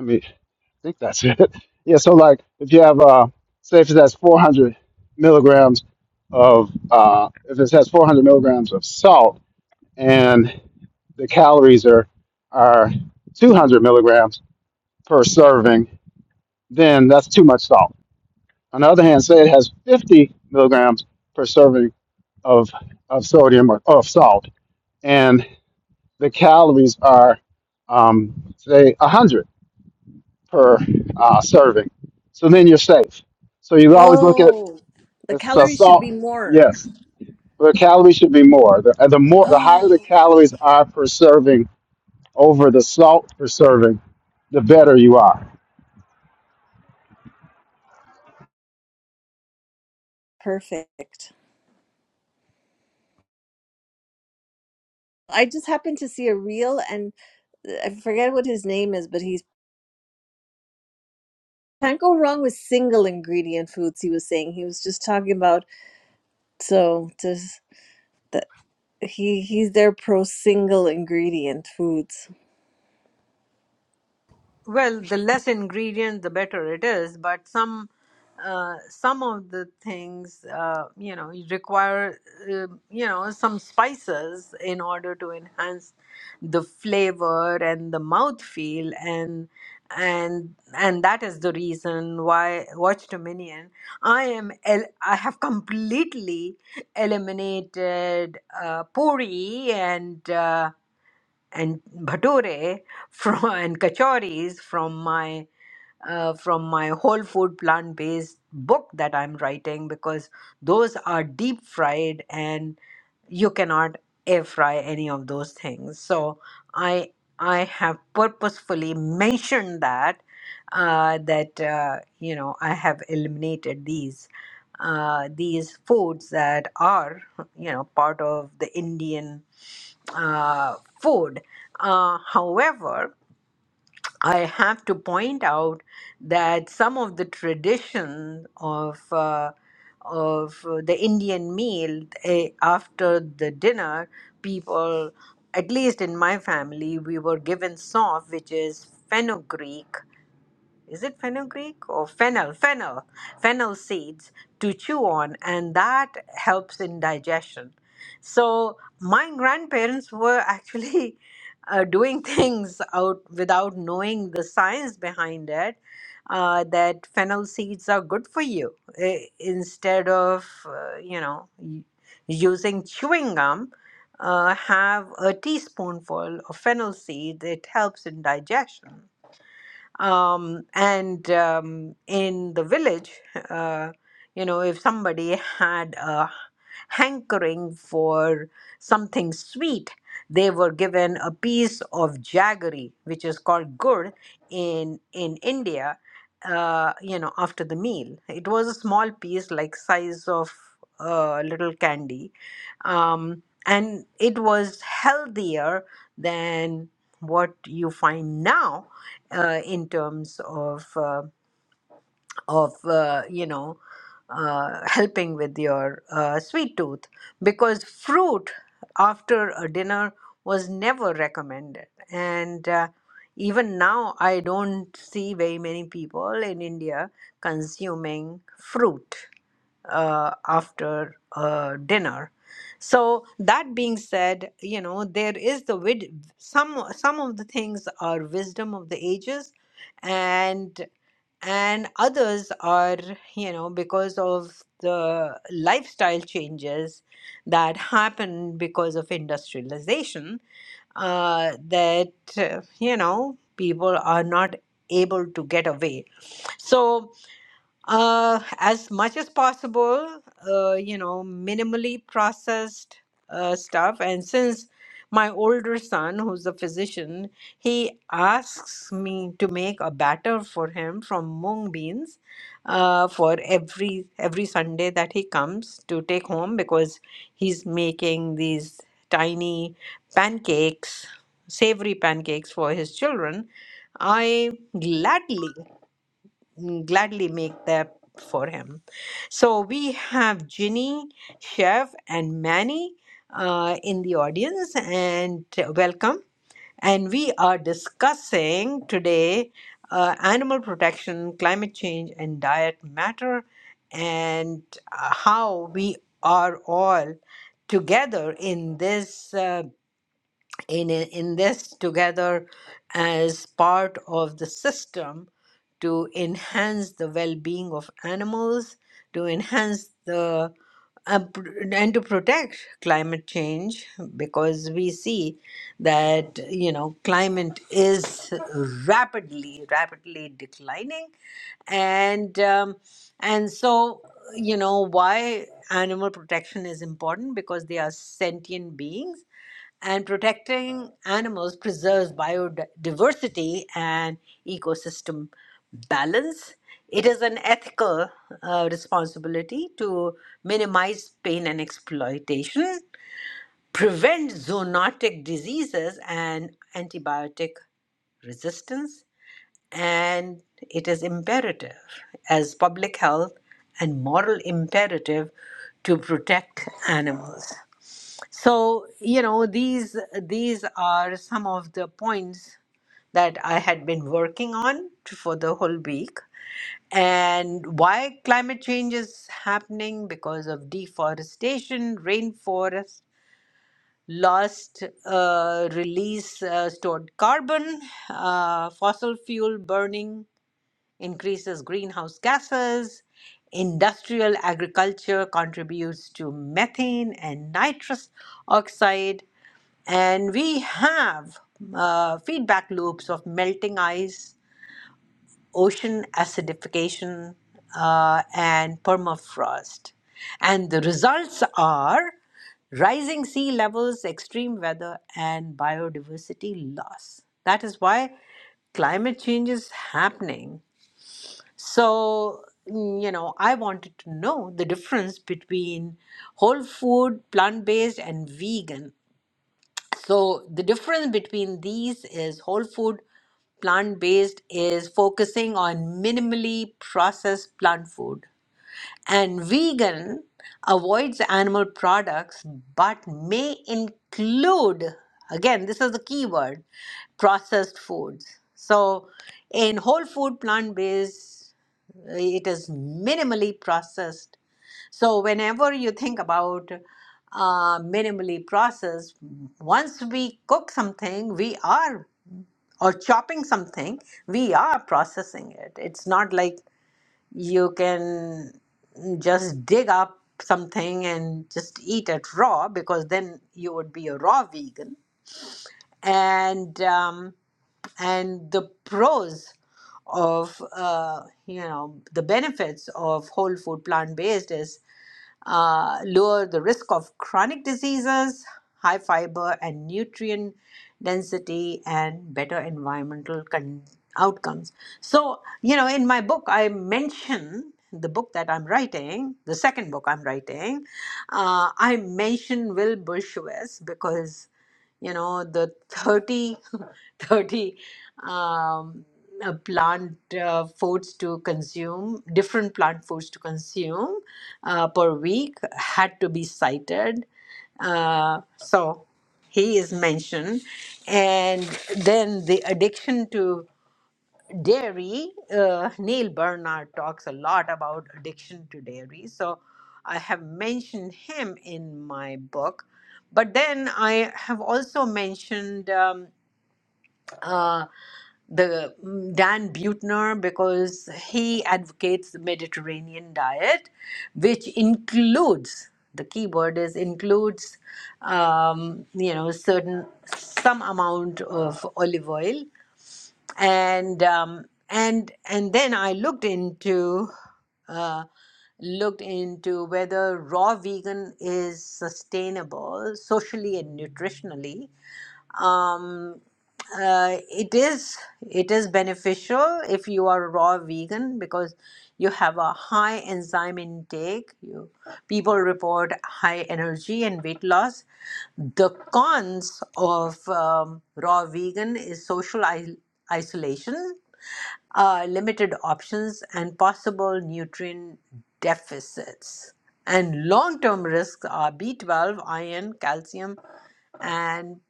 F: i mean i think that's it yeah so like if you have uh say if it has 400 milligrams of uh if it has 400 milligrams of salt and the calories are are 200 milligrams per serving, then that's too much salt. On the other hand, say it has 50 milligrams per serving of of sodium or of salt, and the calories are um, say 100 per uh, serving. So then you're safe. So you always look at
C: Oh, the
F: it's uh,
C: calories should
F: salt.
C: be more.
F: Yes, the calories should be more. The, the more, the higher the
C: Oh,
F: calories are per serving over the salt for serving, the better you are.
C: perfect. I just happened to see a reel and uh, I forget what his name is, but he Can't go wrong with single ingredient foods, he was saying. He was just talking about so just that he he's there pro single ingredient foods.
A: Well, the less ingredient, the better it is. But some uh, some of the things, uh, you know, you require, uh, you know, some spices in order to enhance the flavor and the mouthfeel, and and and that is the reason why Watch Dominion. I am el- I have completely eliminated uh, puri and. Uh, and bhature from and kachoris from my uh, from my whole food plant based book that I'm writing because those are deep fried and you cannot air fry any of those things. So I I have purposefully mentioned that uh, that uh, you know I have eliminated these uh, these foods that are you know part of the Indian uh, food. Uh, however, I have to point out that some of the tradition of uh, of uh, the Indian meal eh, after the dinner, people, at least in my family, we were given sof, which is fenugreek, is it fenugreek or fennel fennel fennel seeds to chew on and that helps in digestion so my grandparents were actually uh, doing things out without knowing the science behind it uh, that fennel seeds are good for you eh, instead of uh, you know y- using chewing gum uh, have a teaspoonful of fennel seeds it helps in digestion um, and um, in the village uh, you know if somebody had a hankering for something sweet they were given a piece of jaggery which is called gur in in india uh, you know after the meal it was a small piece like size of a little candy um, and it was healthier than what you find now uh, in terms of uh, of uh, you know uh, helping with your uh, sweet tooth because fruit after a dinner was never recommended and uh, even now i don't see very many people in india consuming fruit uh, after uh, dinner. So that being said, you know there is the wid- some some of the things are wisdom of the ages, and and others are you know because of the lifestyle changes that happen because of industrialization uh, that uh, you know people are not able to get away so uh, as much as possible, uh, you know, minimally processed uh, stuff. And since my older son, who's a physician, he asks me to make a batter for him from mung beans uh, for every every Sunday that he comes to take home because he's making these tiny pancakes, savory pancakes for his children. I gladly mm, gladly make that for him. So we have Ginny, Chef, and Manny uh, in the audience, and uh, welcome. And we are discussing today uh, animal protection, climate change, and diet matter, and uh, how we are all together in this. uh, in in this together as part of the system to enhance the well-being of animals to enhance the uh, pr- and to protect climate change because we see that you know climate is rapidly rapidly declining and um, and so you know why animal protection is important because they are sentient beings and protecting animals preserves biodiversity and ecosystem balance. It is an ethical uh, responsibility to minimize pain and exploitation, prevent zoonotic diseases and antibiotic resistance, and it is imperative as public health and moral imperative to protect animals. So, you know, these these are some of the points that I had been working on t- for the whole week. And why climate change is happening because of deforestation, rainforest, lost uh, release uh, stored carbon, uh, fossil fuel burning, increases greenhouse gases. Industrial agriculture contributes to methane and nitrous oxide. And we have uh, feedback loops of melting ice, ocean acidification, uh, and permafrost. And the results are rising sea levels, extreme weather, and biodiversity loss. That is why climate change is happening so, mm, you know, I wanted to know the difference between whole food, plant based, and vegan. So, the difference between these is whole food, plant based is focusing on minimally processed plant food and vegan avoids animal products but may include, again, this is the key word, processed foods. So in whole food plant based, it is minimally processed. So whenever you think about uh, minimally processed, once we cook something, we are or chopping something, we are processing it. It's not like you can just dig up something and just eat it raw because then you would be a raw vegan and um, and the pros of uh, you know the benefits of whole food plant based is uh, lower the risk of chronic diseases, high fiber and nutrient density, and better environmental con- outcomes. So, you know, in my book, I mention the book that I'm writing, the second book I'm writing, uh, I mention Will Dershowitz because you know the 30, 30 um, uh, plant uh, foods to consume different plant foods to consume uh, per week had to be cited uh, so he is mentioned and then the addiction to dairy uh, neil bernard talks a lot about addiction to dairy so i have mentioned him in my book but then i have also mentioned um, uh, the mm, dan Buettner because he advocates the mediterranean diet which includes the key word is includes um, you know certain some amount of olive oil and um, and and then I looked into uh, looked into whether raw vegan is sustainable socially and nutritionally um, uh, it is it is beneficial if you are a raw vegan because you have a high enzyme intake you people report high energy and weight loss the cons of um, raw vegan is social i- isolation uh, limited options and possible nutrient deficits and long-term risks are b12 iron calcium and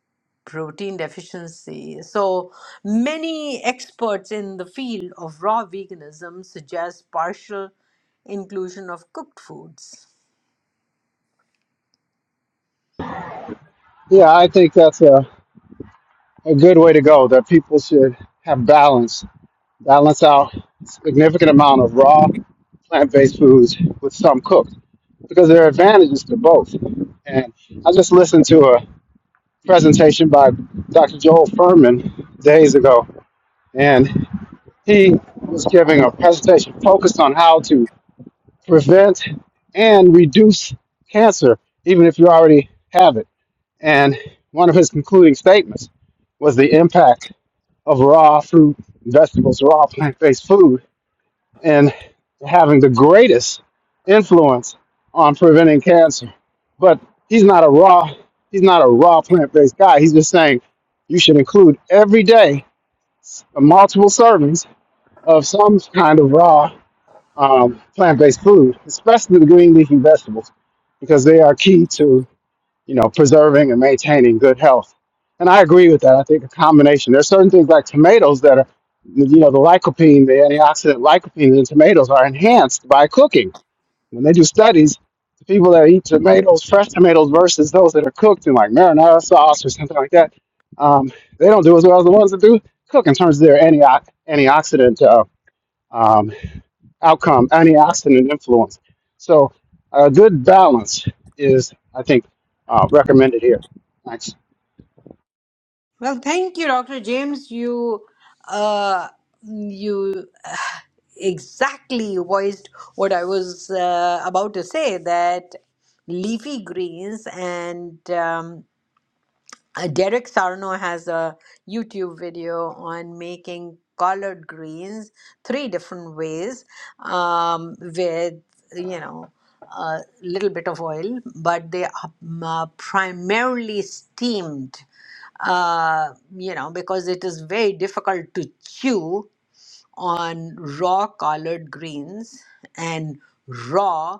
A: protein deficiency. So, many experts in the field of raw veganism suggest partial inclusion of cooked foods.
F: Yeah, I think that's a, a good way to go, that people should have balance, balance out a significant amount of raw plant-based foods with some cooked because there are advantages to both. And I just listened to a presentation by Dr. Joel Furman days ago, and he was giving a presentation focused on how to prevent and reduce cancer, even if you already have it And one of his concluding statements was the impact of raw fruit, vegetables, raw plant based food, and having the greatest influence on preventing cancer. But he's not a raw, he's not a raw plant based guy. He's just saying you should include every day multiple servings of some kind of raw um, plant based food, especially the green leafy vegetables, because they are key to you know, preserving and maintaining good health. And I agree with that. I think a combination. There's certain things like tomatoes that are, you know, the lycopene, the antioxidant lycopene in tomatoes are enhanced by cooking. When they do studies, the people that eat tomatoes, fresh tomatoes versus those that are cooked in like marinara sauce or something like that, um, they don't do as well as the ones that do cook in terms of their antio- antioxidant uh, um, outcome, antioxidant influence. So a good balance is, I think, uh, recommended here. Thanks.
A: Well, thank you, Dr. James. You, uh, you exactly voiced what I was uh, about to say that leafy greens and um, Uh, Derek Sarno has a YouTube video on making collard greens three different ways um, with, you know, a little bit of oil, but they are um, uh, primarily steamed, uh, you know, because it is very difficult to chew on raw collard greens and raw,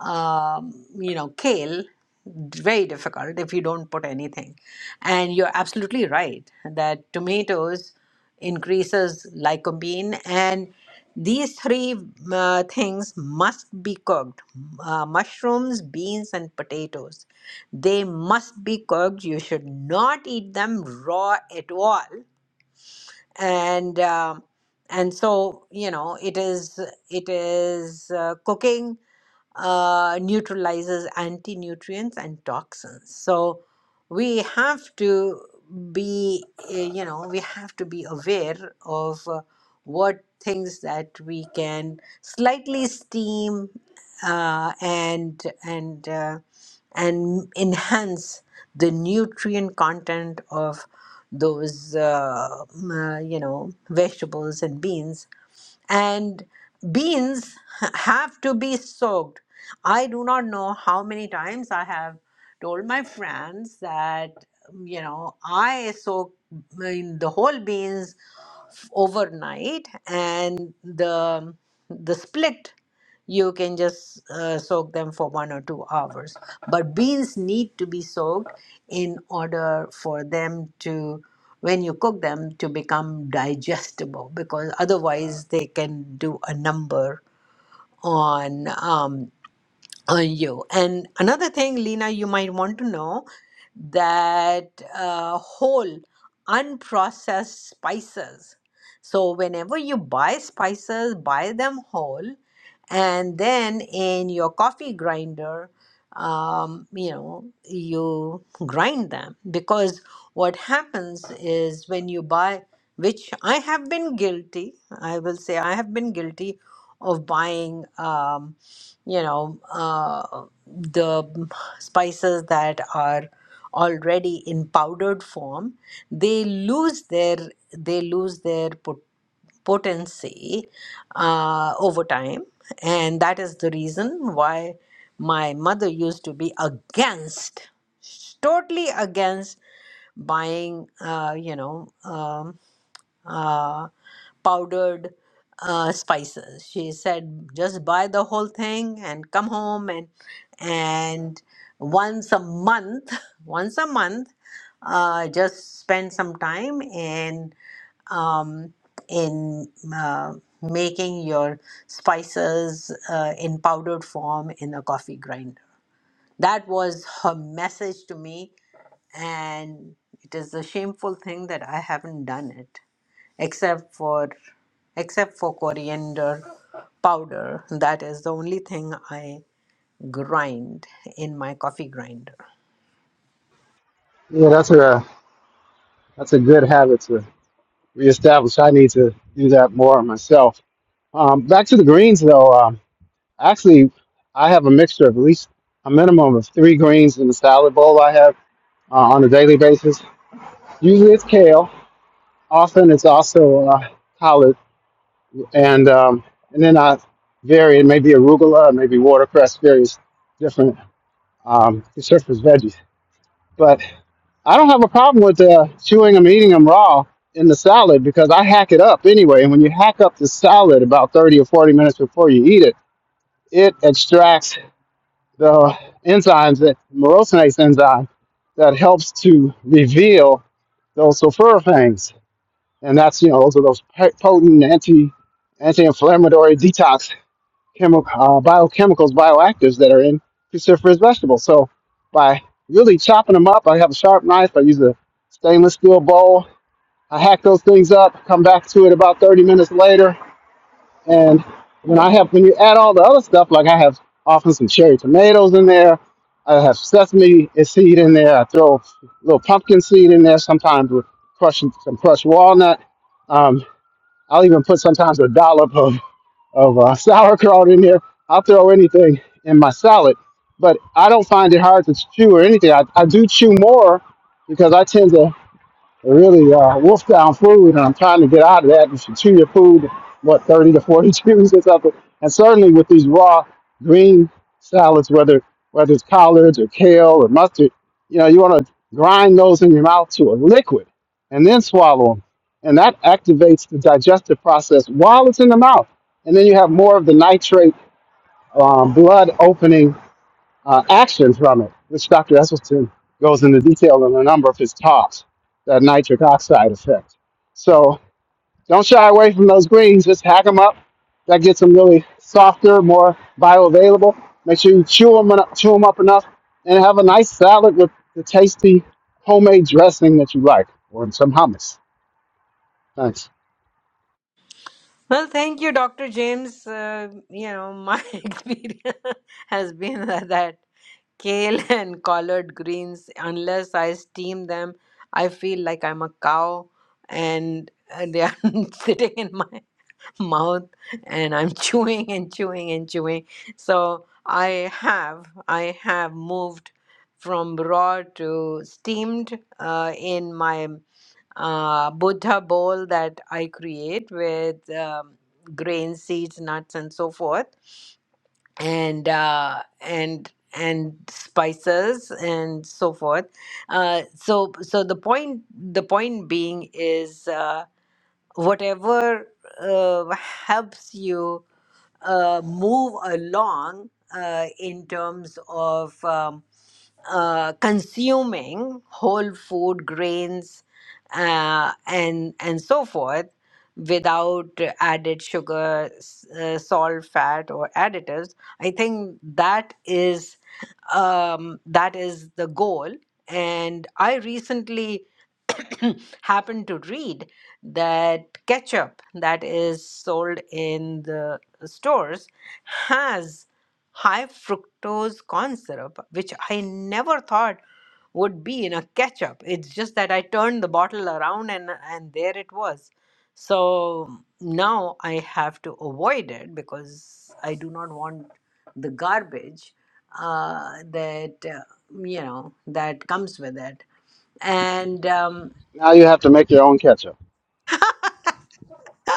A: um, you know, kale. Very difficult if you don't put anything. And you're absolutely right that tomatoes increases lycopene and these three uh, things must be cooked uh, mushrooms beans and potatoes they must be cooked you should not eat them raw at all and um, and so you know it is it is uh, cooking uh, neutralizes anti nutrients and toxins. So we have to be, uh, you know, we have to be aware of uh, what things that we can slightly steam uh, and and uh, and enhance the nutrient content of those uh, m- uh, you know vegetables and beans and beans have to be soaked. I do not know how many times I have told my friends that um, you know I soak I mean, the whole beans overnight and the the split you can just uh, soak them for one or two hours but beans need to be soaked in order for them to when you cook them to become digestible because otherwise they can do a number on um, on you. And another thing, Lena, you might want to know that uh, whole unprocessed spices. So, whenever you buy spices, buy them whole, and then in your coffee grinder, um, you know, you grind them because what happens is when you buy, which I have been guilty, I will say I have been guilty of buying. Um, you know uh, the spices that are already in powdered form they lose their they lose their pot- potency uh, over time and that is the reason why my mother used to be against totally against buying uh, you know um, uh, powdered uh, spices. She said, just buy the whole thing and come home and and once a month, once a month, uh, just spend some time in um, in uh, making your spices uh, in powdered form in a coffee grinder that was her message to me, and it is a shameful thing that I haven't done it, except for except for coriander powder. That is the only thing I grind in my coffee grinder.
F: Yeah, that's a that's a good habit to reestablish. I need to do that more myself. Um, back to the greens, though. Um, actually, I have a mixture of at least a minimum of three greens in the salad bowl I have uh, on a daily basis. Usually it's kale. Often it's also uh, collards and um, and then I vary. It may be arugula, maybe watercress, various different um, surface veggies. But I don't have a problem with uh, chewing them, eating them raw in the salad because I hack it up anyway. And when you hack up the salad about 30 or 40 minutes before you eat it, it extracts the enzymes that morosinase enzyme that helps to reveal those sulforaphane, and that's you know those are those potent anti anti-inflammatory detox chemi- uh, biochemicals, bioactives that are in cruciferous vegetables. So by really chopping them up, I have a sharp knife. I use a stainless steel bowl. I hack those things up, come back to it about 30 minutes later. And when I have, when you add all the other stuff, like I have often some cherry tomatoes in there, I have sesame seed in there, I throw a little pumpkin seed in there, sometimes with crushing some crushed walnut. Um, I'll even put sometimes a dollop of of uh, sauerkraut in here. I'll throw anything in my salad, but I don't find it hard to chew or anything. I, I do chew more because I tend to really uh, wolf down food, and I'm trying to get out of that. You should chew your food, what, 30 to 40 chews or something. And certainly with these raw green salads, whether whether it's collards or kale or mustard, you know, you want to grind those in your mouth to a liquid and then swallow them. And that activates the digestive process while it's in the mouth. And then you have more of the nitrate um, blood opening uh, actions from it, which Dr. Esselstyn goes into detail in a number of his talks, that nitric oxide effect. So don't shy away from those greens, just hack them up. That gets them really softer, more bioavailable. Make sure you chew them, chew them up enough and have a nice salad with the tasty homemade dressing that you like or some hummus. Thanks.
A: Well, thank you, Dr. James. Uh, you know, my experience has been that kale and collard greens, unless I steam them, I feel like I'm a cow and uh, they are sitting in my mouth and I'm chewing and chewing and chewing. So I have, I have moved from raw to steamed uh, in my uh, Buddha bowl that I create with um, grain seeds, nuts, and so forth, and uh, and and spices and so forth. Uh, so so the point the point being is uh, whatever uh, helps you uh, move along uh, in terms of. Um, uh, consuming whole food grains uh, and and so forth without added sugar s- uh, salt fat or additives i think that is um, that is the goal and i recently happened to read that ketchup that is sold in the stores has high fructose corn syrup, which I never thought would be in a ketchup. It's just that I turned the bottle around and and there it was. So now I have to avoid it because I do not want the garbage uh, that uh, you know that comes with it. And um,
F: Now you have to make your own ketchup.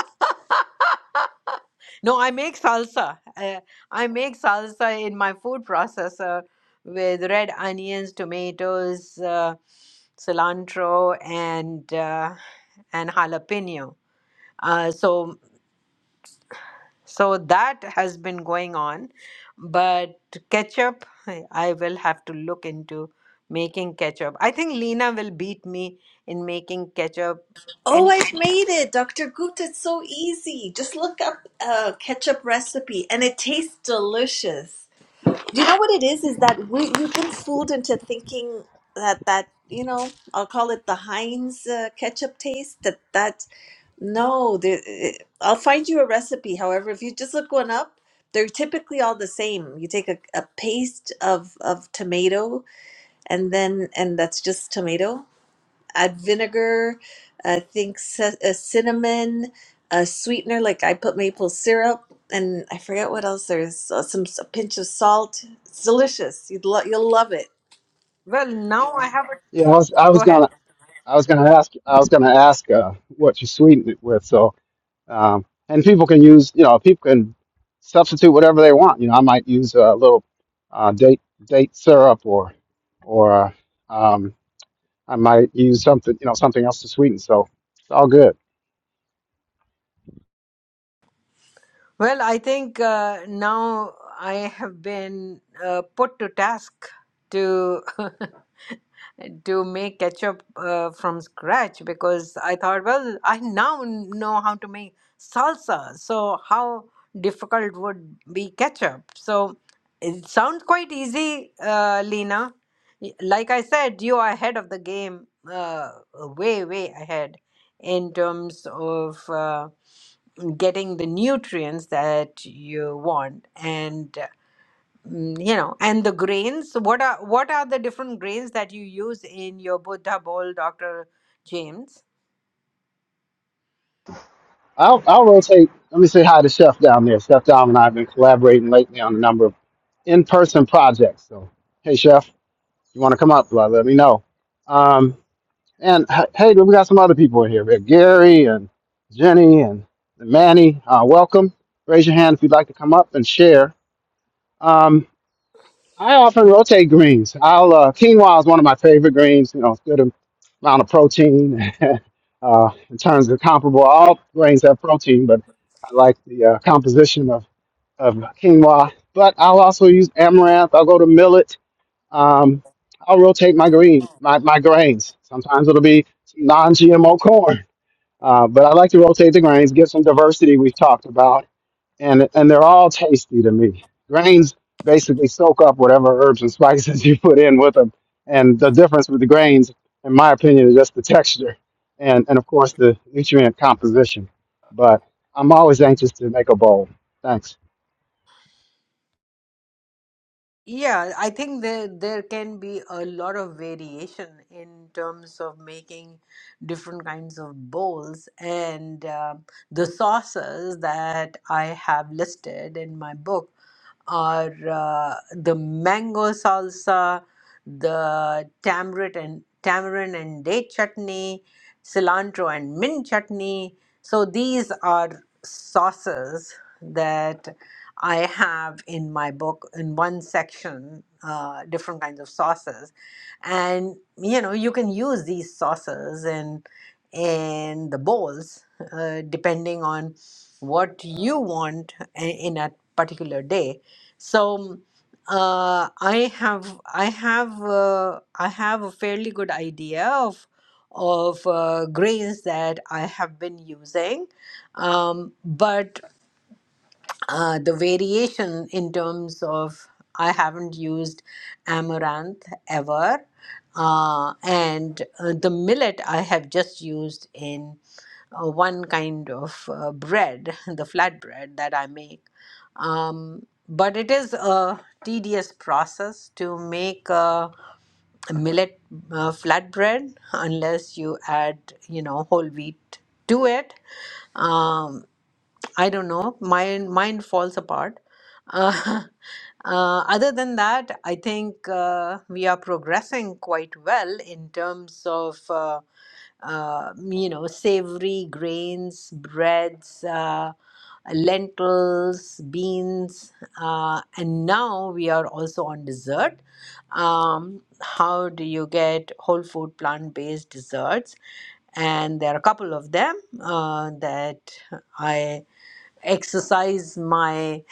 A: No, I make salsa. Uh, I make salsa in my food processor with red onions, tomatoes, uh, cilantro, and uh, and jalapeno. Uh, so so that has been going on, but ketchup, I, I will have to look into making ketchup. I think Lena will beat me in making ketchup.
C: Oh,
A: And
C: I've made it, Dr. Goot. It's so easy. Just look up a ketchup recipe and it tastes delicious. You know what it is? Is that we, you've been fooled into thinking that that, you know, I'll call it the Heinz uh, ketchup taste, that that No, there, it- I'll find you a recipe. However, if you just look one up, they're typically all the same. You take a, a paste of of tomato, and then and that's just tomato. Add vinegar, I think c- a cinnamon, a sweetener like I put maple syrup, and I forget what else. There's uh, some s- a pinch of salt. It's delicious. You'd lo- you'll love it.
A: well, now I have a,
F: Yeah, I was, I
A: go
F: was
A: ahead.
F: gonna, I was gonna ask, I was gonna ask uh, what you sweeten it with. So Um, and people can use, you know, people can substitute whatever they want. You know, I might use a little uh, date date syrup, or or um, I might use something, you know, something else to sweeten. So it's all good.
A: Well, I think uh, now I have been uh, put to task to to make ketchup uh, from scratch because I thought, well, I now know how to make salsa. So how difficult would be ketchup? So it sounds quite easy, uh, Lena. Y- Like I said, you are ahead of the game, uh, way, way ahead in terms of. Uh, getting the nutrients that you want and uh, mm, you know and the grains what are what are the different grains that you use in your buddha bowl dr james
F: I'll, I'll rotate. Let me say hi to Chef down there. Chef Dom and I have been collaborating lately on a number of in-person projects. So, hey, Chef, you want to come up? Let, let me know. Um, and h- hey, we got some other people in here. We have Gary and Jenny and Manny. Uh, welcome. Raise your hand if you'd like to come up and share. Um, I often rotate greens. I'll uh, quinoa is one of my favorite greens. You know, it's good amount of protein. uh, in terms of comparable, all grains have protein, but I like the uh, composition of of quinoa. But I'll also use amaranth. I'll go to millet. Um, I'll rotate my green my, my grains. Sometimes it'll be non-GMO corn. Uh, but I like to rotate the grains, get some diversity we've talked about, and and they're all tasty to me. Grains basically soak up whatever herbs and spices you put in with them, and the difference with the grains, in my opinion, is just the texture, and and of course the nutrient composition. But I'm always anxious to make a bowl. Thanks.
A: yeah i think there there can be a lot of variation in terms of making different kinds of bowls and um the sauces that i have listed in my book are uh, the mango salsa the tamarind and tamarind and date chutney, cilantro and mint chutney. So these are sauces that I have in my book in one section, uh, different kinds of sauces, and you know you can use these sauces in in the bowls uh, depending on what you want i- in a particular day. So uh, I have I have uh, I have a fairly good idea of of uh, grains that I have been using, um, but uh, the variation in terms of I haven't used amaranth ever, uh, and uh, the millet I have just used in uh, one kind of uh, bread, the flatbread that I make. Um, but it is a tedious process to make a millet uh, flatbread unless you add, you know, whole wheat to it Um, I don't know. Mind mind falls apart. Uh, uh, other than that, I think uh, we are progressing quite well in terms of uh, uh, you know savory grains, breads, uh, lentils, beans, uh, and now we are also on dessert. Um, how do you get whole food plant based desserts? And there are a couple of them uh, that I exercise my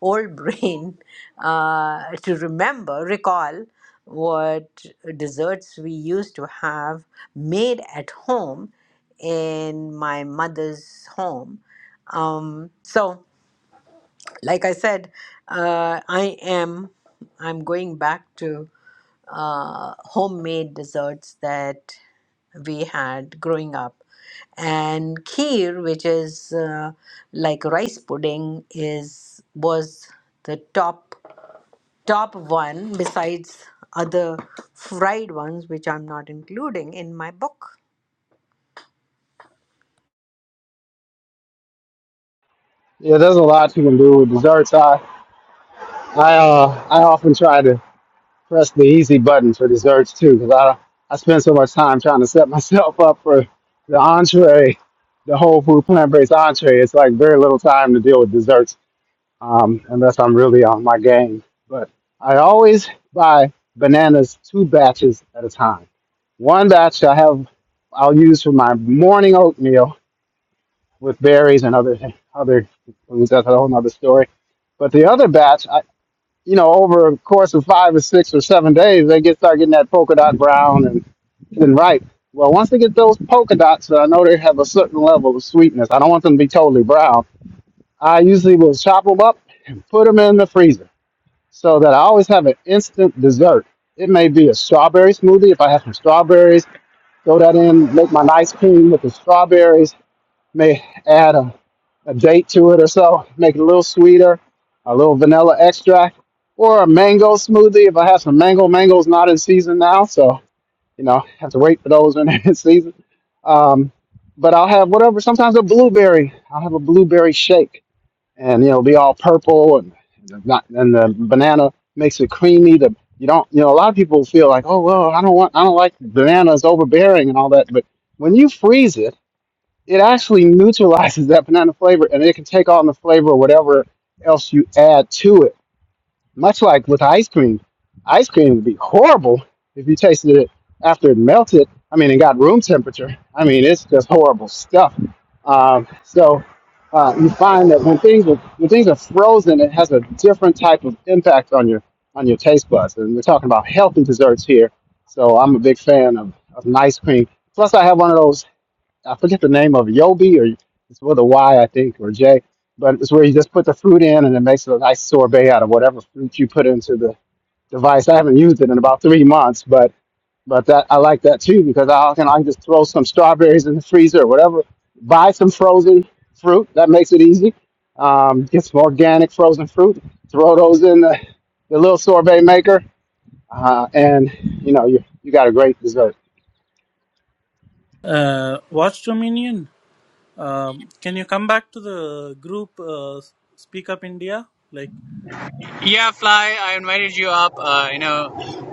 A: old brain uh, to remember, recall what desserts we used to have made at home in my mother's home. Um, so, like I said, uh, I am I'm going back to uh, homemade desserts that we had growing up. And kheer, which is uh, like rice pudding, is was the top top one besides other fried ones, which I'm not including in my book.
F: Yeah, there's a lot you can do with desserts. I I uh I often try to press the easy button for desserts too, because I I spend so much time trying to set myself up for the entree, the whole food plant based entree. It's like very little time to deal with desserts um, unless I'm really on my game. But I always buy bananas two batches at a time. One batch I have I'll use for my morning oatmeal with berries and other other foods. That's a whole other story. But the other batch, I you know, over a course of five or six or seven days, they get start getting that polka dot brown and, and ripe. Well, once they get those polka dots, I know they have a certain level of sweetness. I don't want them to be totally brown. I usually will chop them up and put them in the freezer so that I always have an instant dessert. It may be a strawberry smoothie if I have some strawberries. Throw that in, make my nice cream with the strawberries may add a, a date to it or so, make it a little sweeter, a little vanilla extract, or a mango smoothie if I have some mango. Mango's not in season now, so you know have to wait for those when they're in season. Um, but I'll have whatever. Sometimes a blueberry. I'll have a blueberry shake, and you know, it'll be all purple and the- not and the banana makes it creamy. The you don't you know a lot of people feel like oh well I don't want I don't like bananas overbearing and all that, but when you freeze it it actually neutralizes that banana flavor and it can take on the flavor of whatever else you add to it. Much like with ice cream. Ice cream would be horrible if you tasted it after it melted. I mean, it got room temperature. I mean, it's just horrible stuff. Um, so uh, you find that when things are when things are frozen, it has a different type of impact on your on your taste buds. And we're talking about healthy desserts here, so I'm a big fan of, of nice cream. Plus, I have one of those I forget the name of it, Yobi or it's with a Y, I think, or J. But it's where you just put the fruit in and it makes a nice sorbet out of whatever fruit you put into the device. I haven't used it in about three months, but but that I like that too because I can I can just throw some strawberries in the freezer or whatever. Buy some frozen fruit. That makes it easy. Um, get some organic frozen fruit. Throw those in the, the little sorbet maker, uh, and you know you you got a great dessert.
G: Uh, Watch Dominion, um, can you come back to the group uh, Speak Up India? Like,
B: Yeah, Fly, I invited you up. Uh, you know,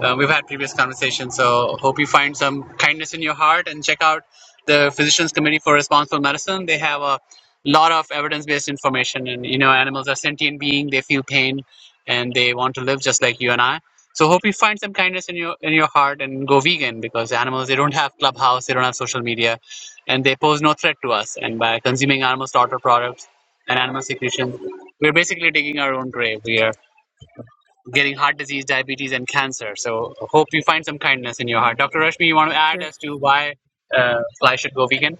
B: uh, we've had previous conversations, so hope you find some kindness in your heart and check out the Physicians Committee for Responsible Medicine. They have a lot of evidence-based information, and you know, animals are sentient beings; they feel pain, and they want to live just like you and I. So hope you find some kindness in your in your heart and go vegan because animals they don't have clubhouse, they don't have social media, and they pose no threat to us. And by consuming animal slaughter products and animal secretions, we're basically digging our own grave. We are getting heart disease, diabetes, and cancer. So hope you find some kindness in your heart. Dr. Rashmi, you want to add
G: Sure.
B: as to why uh, fly should go vegan?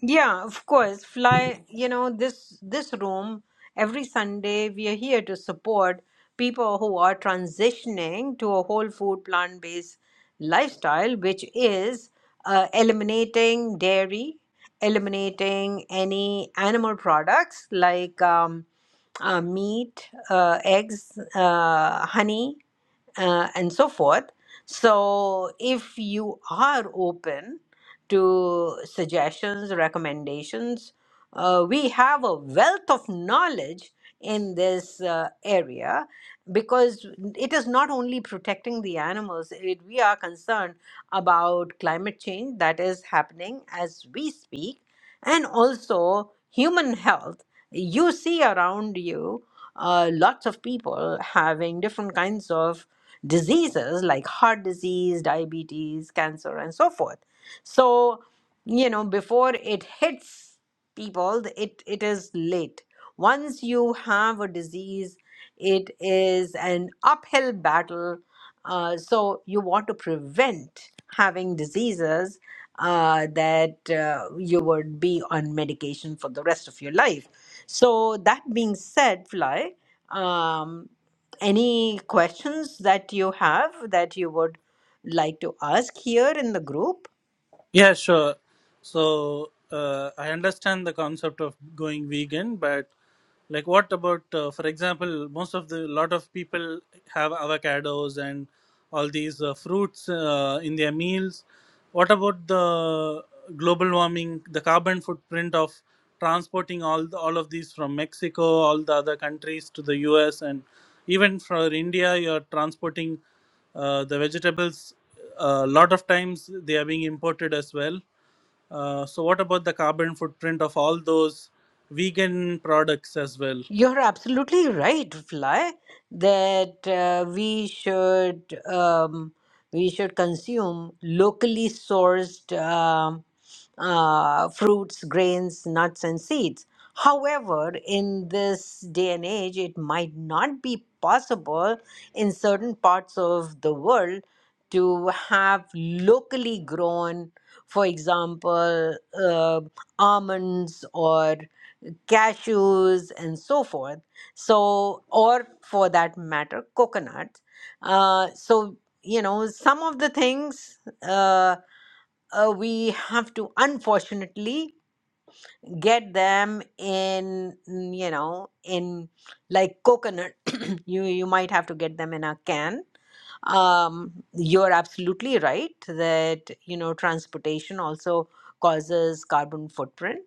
A: Yeah, of course. Fly, you know, this this room every Sunday we are here to support people who are transitioning to a whole food plant-based lifestyle, which is uh, eliminating dairy, eliminating any animal products like um, uh, meat, uh, eggs, uh, honey, uh, and so forth. So, if you are open to suggestions, recommendations, uh, we have a wealth of knowledge in this uh, area because it is not only protecting the animals, it, we are concerned about climate change that is happening as we speak and also human health. You see around you uh, lots of people having different kinds of diseases like heart disease, diabetes, cancer, and so forth. So, you know, before it hits people, it, it is late. Once you have a disease, it is an uphill battle. Uh, so, you want to prevent having diseases uh, that uh, you would be on medication for the rest of your life. So, that being said, Fly, um, any questions that you have that you would like to ask here in the group?
G: yeah, sure. So uh, I understand the concept of going vegan, but like what about uh, for example most of the lot of people have avocados and all these uh, fruits uh, in their meals what about the global warming the carbon footprint of transporting all the, all of these from mexico all the other countries to the us and even for india you're transporting uh, the vegetables a lot of times they are being imported as well uh, so what about the carbon footprint of all those vegan products as well?
A: You're absolutely right, Fly, that uh, we should um, we should consume locally sourced um uh, fruits, grains, nuts, and seeds. However, in this day and age, it might not be possible in certain parts of the world to have locally grown, for example, uh, almonds or cashews and so forth so or for that matter coconuts uh, so you know some of the things uh, uh, we have to unfortunately get them in mm, you know in like coconut you you might have to get them in a can um, you're absolutely right that, you know, transportation also causes carbon footprint.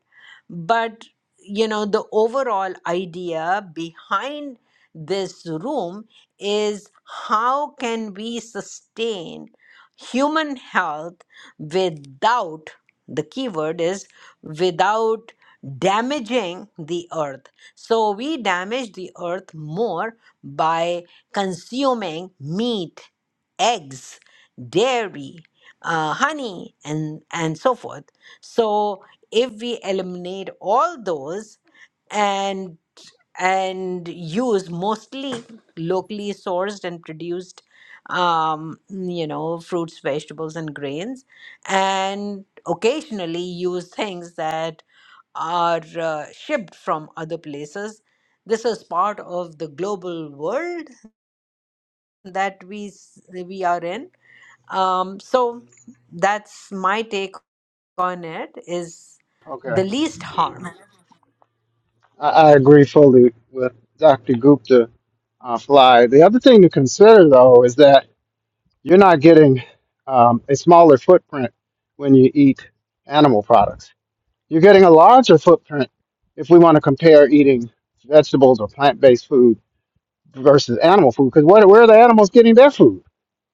A: But, you know, the overall idea behind this room is how can we sustain human health without, the key word is without damaging the earth. So we damage the earth more by consuming meat, eggs, dairy, uh, honey, and, and so forth. So if we eliminate all those and and use mostly locally sourced and produced um you know fruits vegetables and grains and occasionally use things that are uh, shipped from other places this is part of the global world that we s- we are in um, so that's my take on it is
F: Okay.
A: the least harm
F: I, I agree fully with Dr. Gupta uh, Fly. The other thing to consider, though, is that you're not getting um, a smaller footprint when you eat animal products. You're getting a larger footprint if we want to compare eating vegetables or plant based food versus animal food, because where, where are the animals getting their food?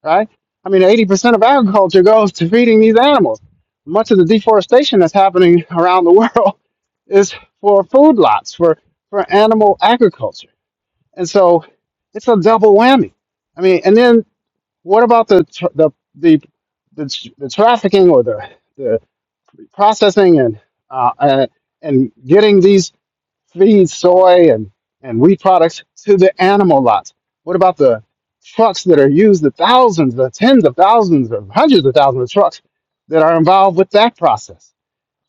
F: right? I mean, 80% of agriculture goes to feeding these animals. Much of the deforestation that's happening around the world is for food lots, for, for animal agriculture. And so it's a double whammy. I mean, and then what about the, tr- the, the, the, tr- the trafficking or the, the processing and, uh, uh, and getting these feed soy and, and wheat products to the animal lots? What about the trucks that are used, the thousands, the tens of thousands, of hundreds of thousands of trucks that are involved with that process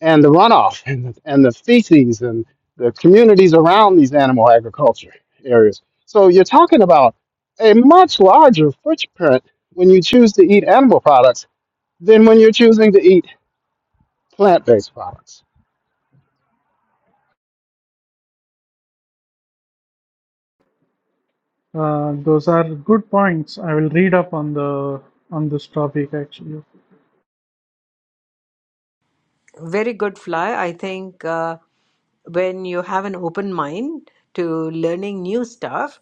F: and the runoff and the, and the feces and the communities around these animal agriculture areas? So you're talking about a much larger footprint when you choose to eat animal products than when you're choosing to eat plant based products.
G: Uh, those are good points. I will read up on the on this topic actually.
A: very good fly i think uh, when you have an open mind to learning new stuff,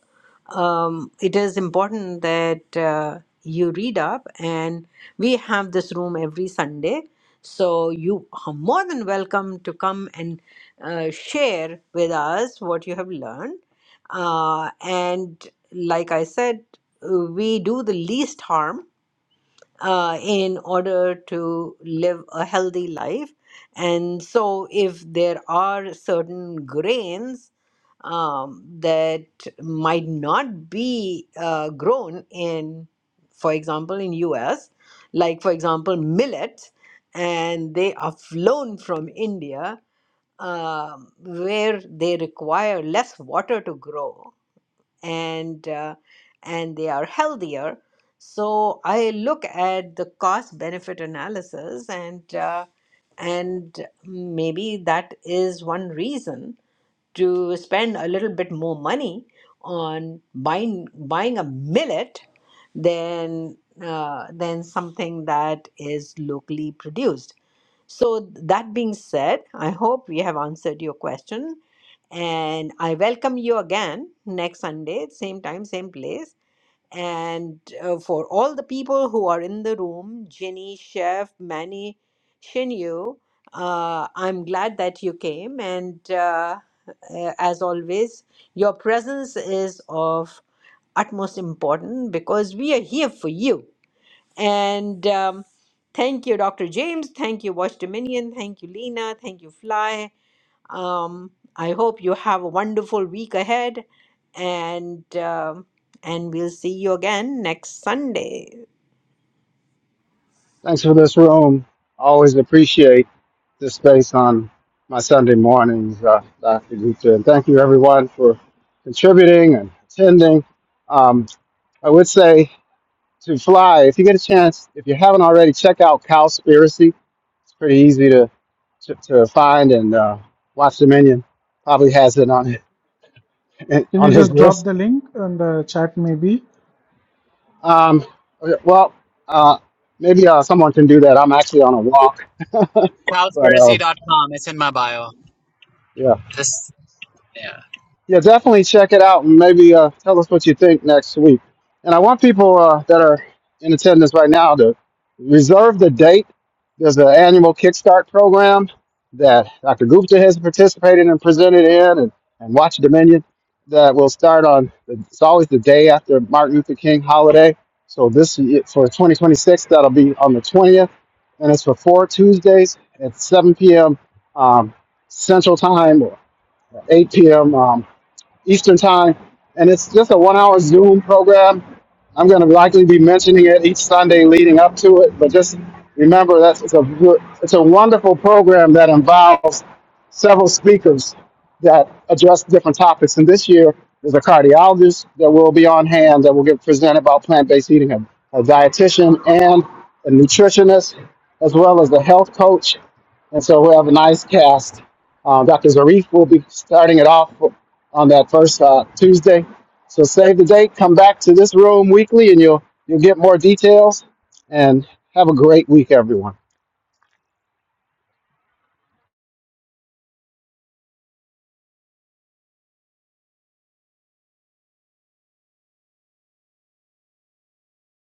A: um, it is important that uh, you read up. And we have this room every Sunday. So you are more than welcome to come and uh, share with us what you have learned. Uh, and like I said, we do the least harm uh, in order to live a healthy life. And so, if there are certain grains um, that might not be uh, grown in, for example, in U.S., like for example, millet, and they are flown from India, um where they require less water to grow and uh, and they are healthier so i look at the cost benefit analysis and uh, and maybe that is one reason to spend a little bit more money on buying buying a millet than uh, than something that is locally produced so that being said i hope we have answered your question and I welcome you again next Sunday, same time, same place. And uh, for all the people who are in the room, Jenny, Chef, Manny, Shinyu, uh, I'm glad that you came. And uh, uh, as always, your presence is of utmost importance because we are here for you. And um, thank you, Dr. James. Thank you, Watch Dominion. Thank you, Lena. Thank you, Fly. Um, I hope you have a wonderful week ahead, and um and we'll see you again next Sunday.
F: Thanks for this room. I Always appreciate this space on my Sunday mornings, uh, Dr. Gupta. And thank you, everyone, for contributing and attending. Um, I would say to fly, if you get a chance, if you haven't already, check out Cowspiracy. It's pretty easy to, to, to find, and uh, Watch Dominion probably has it on
G: Can you
F: on his
G: just
F: list.
G: drop the link in the chat maybe?
F: Um, okay, well, uh, maybe uh, someone can do that. I'm actually on a walk, but uh,
B: Cowspiracy.com. It's in my bio.
F: yeah.
B: Just yeah.
F: Yeah, definitely check it out and maybe uh, tell us what you think next week. And I want people uh, that are in attendance right now to reserve the date. There's an annual Kickstart program that Dr. Gupta has participated and presented in, and, and Watch Dominion that will start on. It's always the day after Martin Luther King holiday. So this for 2026, that'll be on the 20th, and it's for four Tuesdays at 7 p.m. Um, Central Time, or 8 p.m. Eastern Time, and it's just a one-hour Zoom program. I'm going to likely be mentioning it each Sunday leading up to it, but just remember that it's a it's a wonderful program that involves several speakers that address different topics. And this year, there's a cardiologist that will be on hand that will get presented about plant-based eating, a, a dietitian and a nutritionist, as well as the health coach. And so we'll have a nice cast. Uh, Dr. Zarif will be starting it off on that first uh, Tuesday. So save the date. Come back to this room weekly, and you'll you'll get more details. And have a great week, everyone.